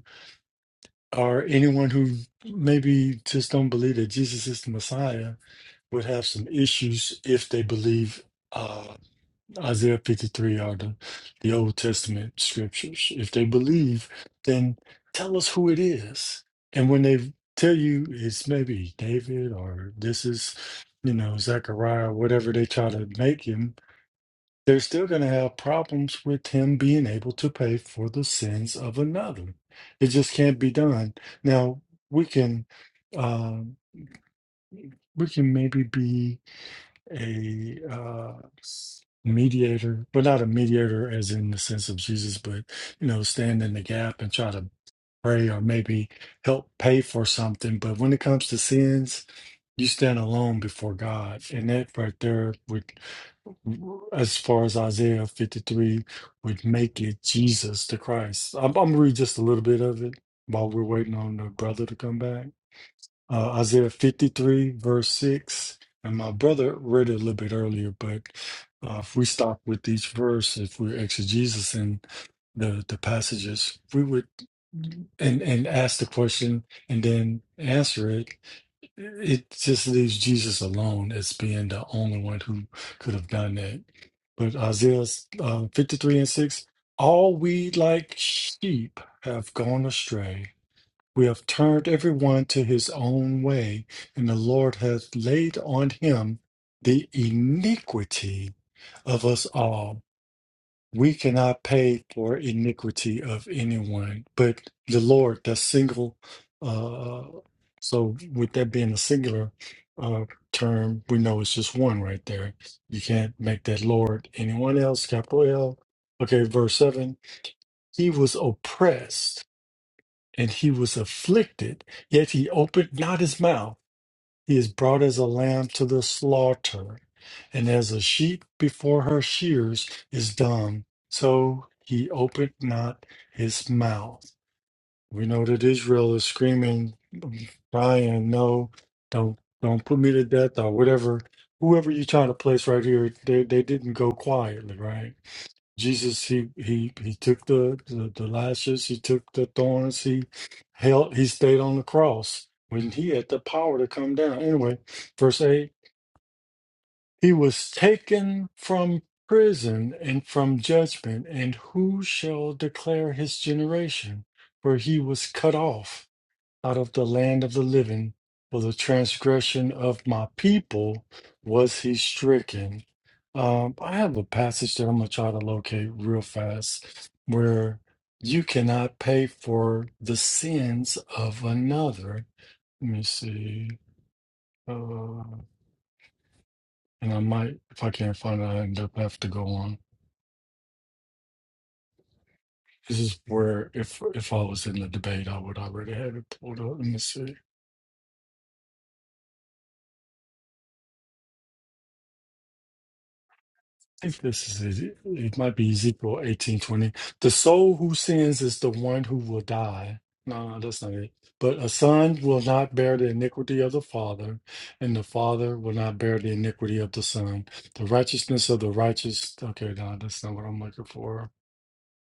or anyone who maybe just don't believe that Jesus is the Messiah would have some issues if they believe. uh, Isaiah 53 are the, the Old Testament scriptures. If they believe, then tell us who it is. And when they tell you it's maybe David or this is, you know, Zechariah, whatever they try to make him, they're still going to have problems with him being able to pay for the sins of another. It just can't be done. Now, we can, uh, we can maybe be a uh, mediator, but not a mediator as in the sense of Jesus, but you know, stand in the gap and try to pray or maybe help pay for something. But when it comes to sins, you stand alone before God, and that right there would, as far as Isaiah 53, would make it Jesus the Christ. I'm, I'm gonna read just a little bit of it while we're waiting on the brother to come back uh, Isaiah 53, verse 6. And my brother read it a little bit earlier, but uh, if we stop with each verse, if we're exegesing the, the passages, we would and, and ask the question and then answer it, it just leaves Jesus alone as being the only one who could have done that. But Isaiah uh, 53 and 6 all we like sheep have gone astray we have turned every one to his own way, and the Lord hath laid on him the iniquity of us all. We cannot pay for iniquity of anyone, but the Lord, that single, uh, so with that being a singular uh, term, we know it's just one right there. You can't make that Lord anyone else, capital L. Okay, verse 7 He was oppressed and he was afflicted, yet he opened not his mouth. He is brought as a lamb to the slaughter, and as a sheep before her shears is dumb, so he opened not his mouth. We know that Israel is screaming, Brian, no, don't don't put me to death or whatever. Whoever you try to place right here, they, they didn't go quietly, right? Jesus, he he he took the, the the lashes, he took the thorns, he held, he stayed on the cross when he had the power to come down. Anyway, verse eight, he was taken from prison and from judgment, and who shall declare his generation? For he was cut off out of the land of the living. For the transgression of my people was he stricken. Um, I have a passage that I'm going to try to locate real fast where you cannot pay for the sins of another. Let me see. Uh, and I might, if I can't find it, I end up have to go on. This is where, if if I was in the debate, I would already have it pulled up. Let me see. think this is it. It might be Ezekiel eighteen twenty. The soul who sins is the one who will die. No, no, that's not it. But a son will not bear the iniquity of the father, and the father will not bear the iniquity of the son. The righteousness of the righteous. Okay, no, that's not what I'm looking for.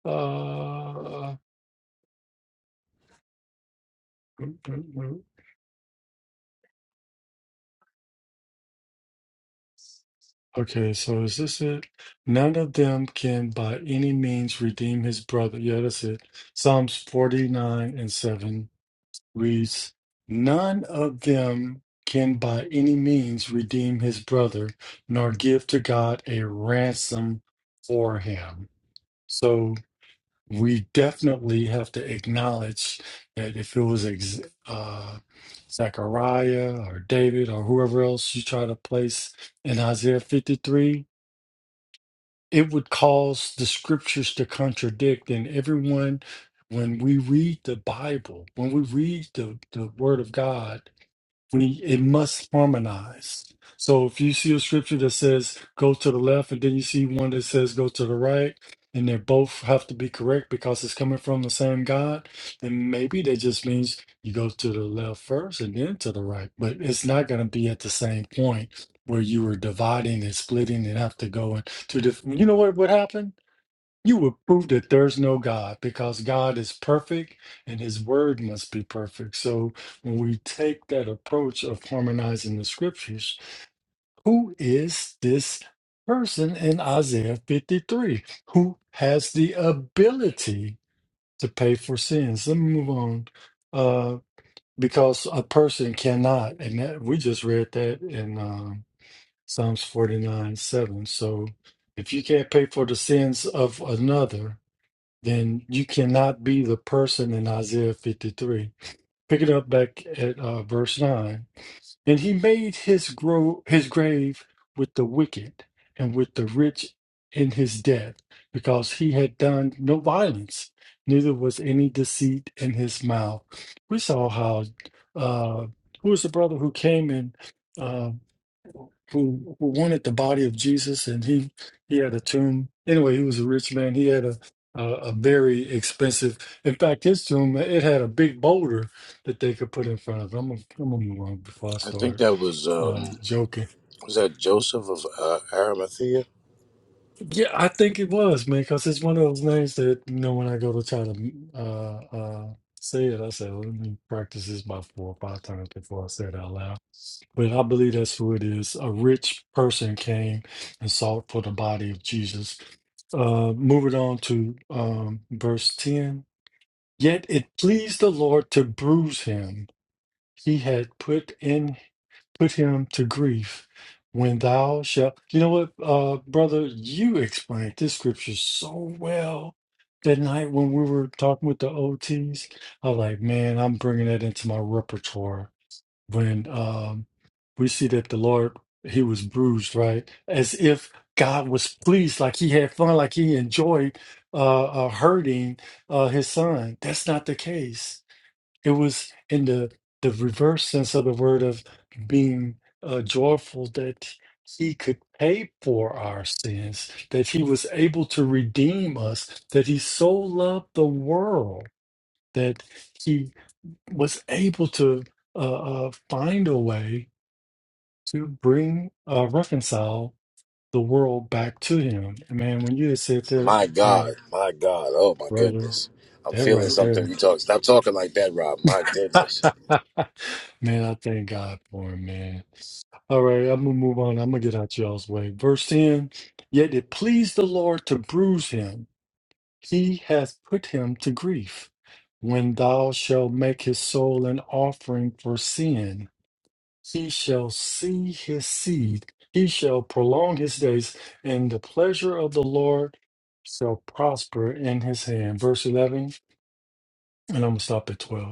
Uh, okay, so is this it? None of them can by any means redeem his brother. Yeah, that's it. Psalms 49 and 7. reads, None of them can by any means redeem his brother, nor give to God a ransom for him. So we definitely have to acknowledge that if it was ex- uh, Zechariah or David or whoever else you try to place in Isaiah 53, it would cause the scriptures to contradict, and everyone when we read the Bible, when we read the, the Word of God, we it must harmonize. So if you see a scripture that says go to the left and then you see one that says go to the right and they both have to be correct because it's coming from the same God, then maybe that just means you go to the left first and then to the right. But it's not going to be at the same point where you were dividing and splitting and have to go in two different you know what would happen? You would prove that there's no God because God is perfect and his word must be perfect. So when we take that approach of harmonizing the scriptures, who is this person in Isaiah 53 who has the ability to pay for sins? Let me move on. Uh, because a person cannot, and that we just read that in um, Psalms 49 7. So if you can't pay for the sins of another, then you cannot be the person in Isaiah 53. Pick it up back at uh, verse 9. And he made his, gro- his grave with the wicked and with the rich in his death, because he had done no violence, neither was any deceit in his mouth. We saw how, uh, who was the brother who came in? who who wanted the body of Jesus, and he he had a tomb. Anyway, he was a rich man. He had a a, a very expensive. In fact, his tomb it had a big boulder that they could put in front of. It. I'm gonna, I'm gonna move on before I I think start that was uh, um joking. was that Joseph of uh, Arimathea. Yeah, I think it was man, because it's one of those names that you know when I go to try to uh, uh, say it, I say, well, let me practice this about four or five times before I say it out loud But I believe that's who it is. A rich person came and sought for the body of Jesus. Uh, move on to um, verse 10. Yet it pleased the Lord to bruise him. He had put in put him to grief. When thou shalt, you know what, uh, brother, you explained this scripture so well that night when we were talking with the OTs. I was like, man, I'm bringing that into my repertoire when um, we see that the Lord, he was bruised, right? As if God was pleased, like he had fun, like he enjoyed uh, uh, hurting uh, his son. That's not the case. It was in the, the reverse sense of the word of being uh, joyful that he could pay for our sins, that he was able to redeem us, that he so loved the world that He was able to uh, uh, find a way to bring uh, reconcile the world back to him. And man, when you had said that, My uh, God, my God, oh my brother, goodness! I'm that feeling right something. there, We talk. Stop talking like that, Rob. My goodness. man, I thank God for him, man. All right, I'm gonna move on. I'm gonna get out y'all's way. Verse 10 Yet it pleased the Lord to bruise him, he hath put him to grief. When thou shalt make his soul an offering for sin, He shall see his seed, he shall prolong his days, and the pleasure of the Lord shall prosper in his hand. Verse 11, and I'm going to stop at 12.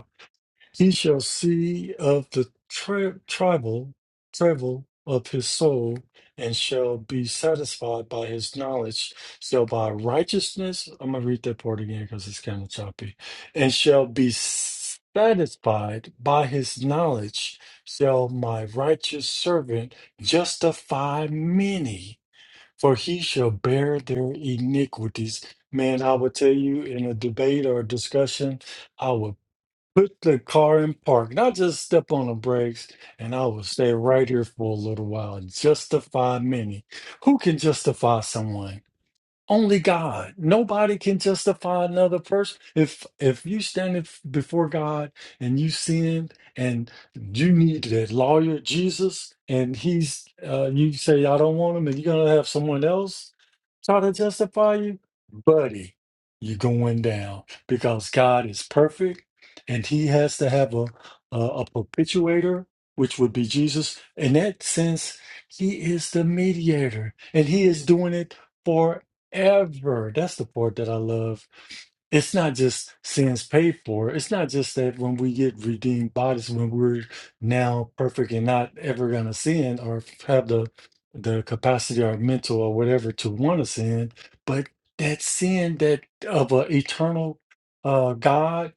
He shall see of the tri- tribal travel of his soul, and shall be satisfied by his knowledge. Shall by righteousness, I'm gonna read that part again because it's kind of choppy, and shall be satisfied by his knowledge. Shall my righteous servant justify many, for he shall bear their iniquities. Man, I would tell you in a debate or a discussion. I would put the car in park, not just step on the brakes, and I will stay right here for a little while. Justify many. Who can justify someone? Only God. Nobody can justify another person. If if you stand if- before God and you sinned and you need that lawyer Jesus and he's uh, you say I don't want him and you're gonna have someone else try to justify you, buddy, you're going down because God is perfect and he has to have a a, a perpetuator, which would be Jesus. In that sense, he is the mediator and he is doing it. For ever. That's the part that I love. It's not just sins paid for. It's not just that when we get redeemed bodies, when we're now perfect and not ever gonna sin or have the the capacity or mental or whatever to want to sin, but that sin that of an eternal uh, God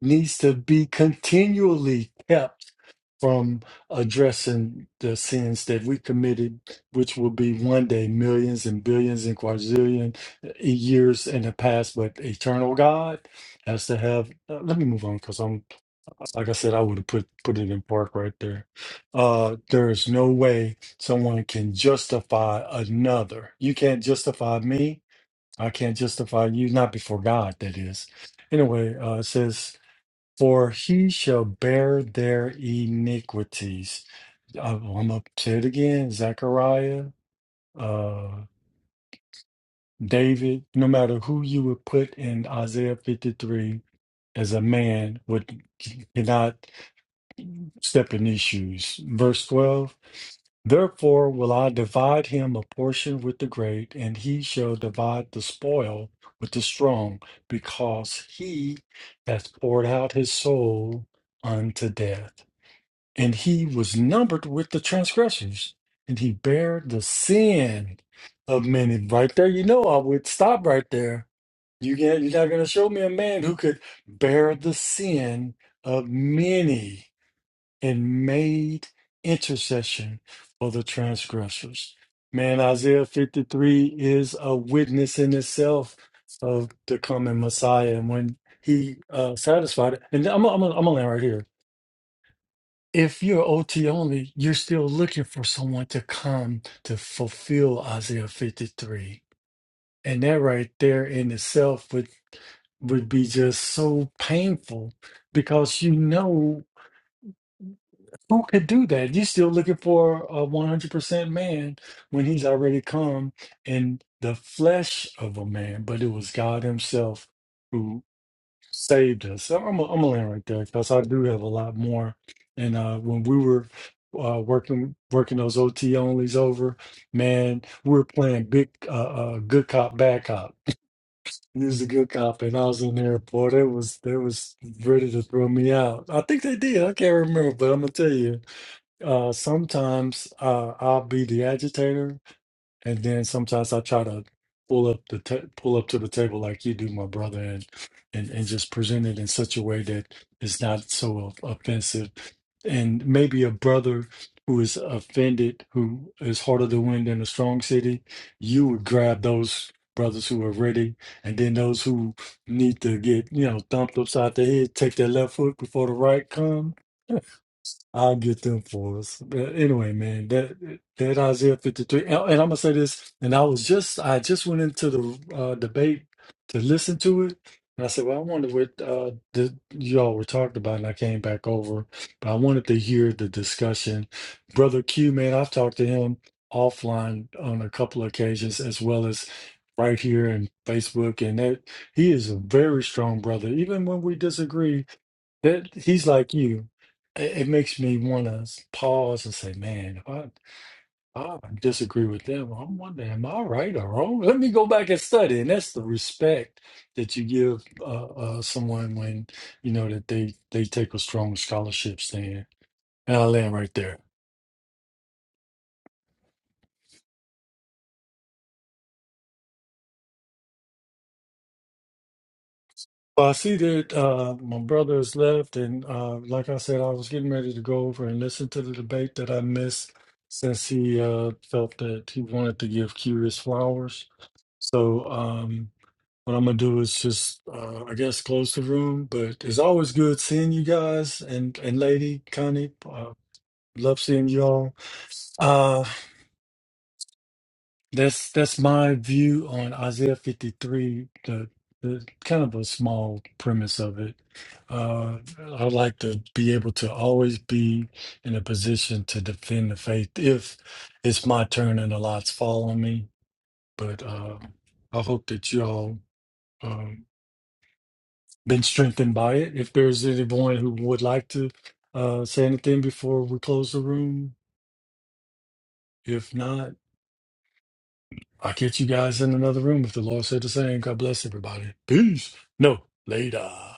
needs to be continually kept from addressing the sins that we committed, which will be one day millions and billions and quadrillion eh, years in the past. But eternal God has to have. uh, let me move on because I'm, like I said, I would have put put it in park right there. Uh, there is no way someone can justify another. You can't justify me. I can't justify you, not before God, that is. Anyway, uh, it says, For he shall bear their iniquities I, I'm up to it again. Zechariah, uh, David, no matter who you would put in Isaiah 53 as a man would cannot step in these shoes. Verse 12. Therefore will I divide him a portion with the great, and he shall divide the spoil with the strong, because he hath poured out his soul unto death. and he was numbered with the transgressors, and he bare the sin of many. Right there, you know, I would stop right there. You can't, you're not going to show me a man who could bear the sin of many and made intercession for the transgressors. Man, Isaiah 53 is a witness in itself of the coming Messiah, and when he uh, satisfied it, and I'm, I'm, I'm gonna land right here if you're OT only, you're still looking for someone to come to fulfill Isaiah 53. And that right there in itself would would be just so painful because you know who could do that. You're still looking for a 100% man when he's already come in the flesh of a man, but it was God Himself saved us. So I'm i I'm gonna land right there because I do have a lot more. And uh, when we were uh, working working those OT onlys over, man, we were playing big uh, uh, good cop bad cop. He was a good cop, and I was in the airport. It was they was ready to throw me out. I think they did. I can't remember, but I'm gonna tell you. Uh, sometimes uh, I'll be the agitator, and then sometimes I try to pull up the ta- pull up to the table like you do, my brother, and and and just present it in such a way that it's not so offensive. And maybe a brother who is offended, who is harder to win than a strong city, you would grab those brothers who are ready, and then those who need to get you know thumped upside the head, take their left foot before the right come. I'll get them for us. But anyway, man, that that Isaiah 53. And, and I'm gonna say this, and I was just I just went into the uh debate to listen to it. And I said, Well, I wonder what uh the, y'all were talking about, and I came back over. But I wanted to hear the discussion. Brother Q, man, I've talked to him offline on a couple of occasions, as well as right here in Facebook, and that he is a very strong brother. Even when we disagree, that he's like you. It, it makes me want to pause and say, "Man, if I, I disagree with them, I'm wondering, am I right or wrong? Let me go back and study." And that's the respect that you give uh, uh, someone when you know that they they take a strong scholarship stand. And I land right there. Well, I see that uh, my brother has left, and uh, like I said, I was getting ready to go over and listen to the debate that I missed since he uh, felt that he wanted to give curious flowers. So um, what I'm gonna do is just, uh, I guess, close the room. But it's always good seeing you guys and and Lady Connie. Uh, love seeing you all. Uh, that's that's my view on Isaiah 53. The the kind of a small premise of it. Uh, I would like to be able to always be in a position to defend the faith if it's my turn and the lots fall on me. But uh, I hope that you all. um, been strengthened by it. If there's anyone who would like to uh, say anything before we close the room, if not, I'll catch you guys in another room. If the Lord said the same, God bless everybody. Peace. No, later.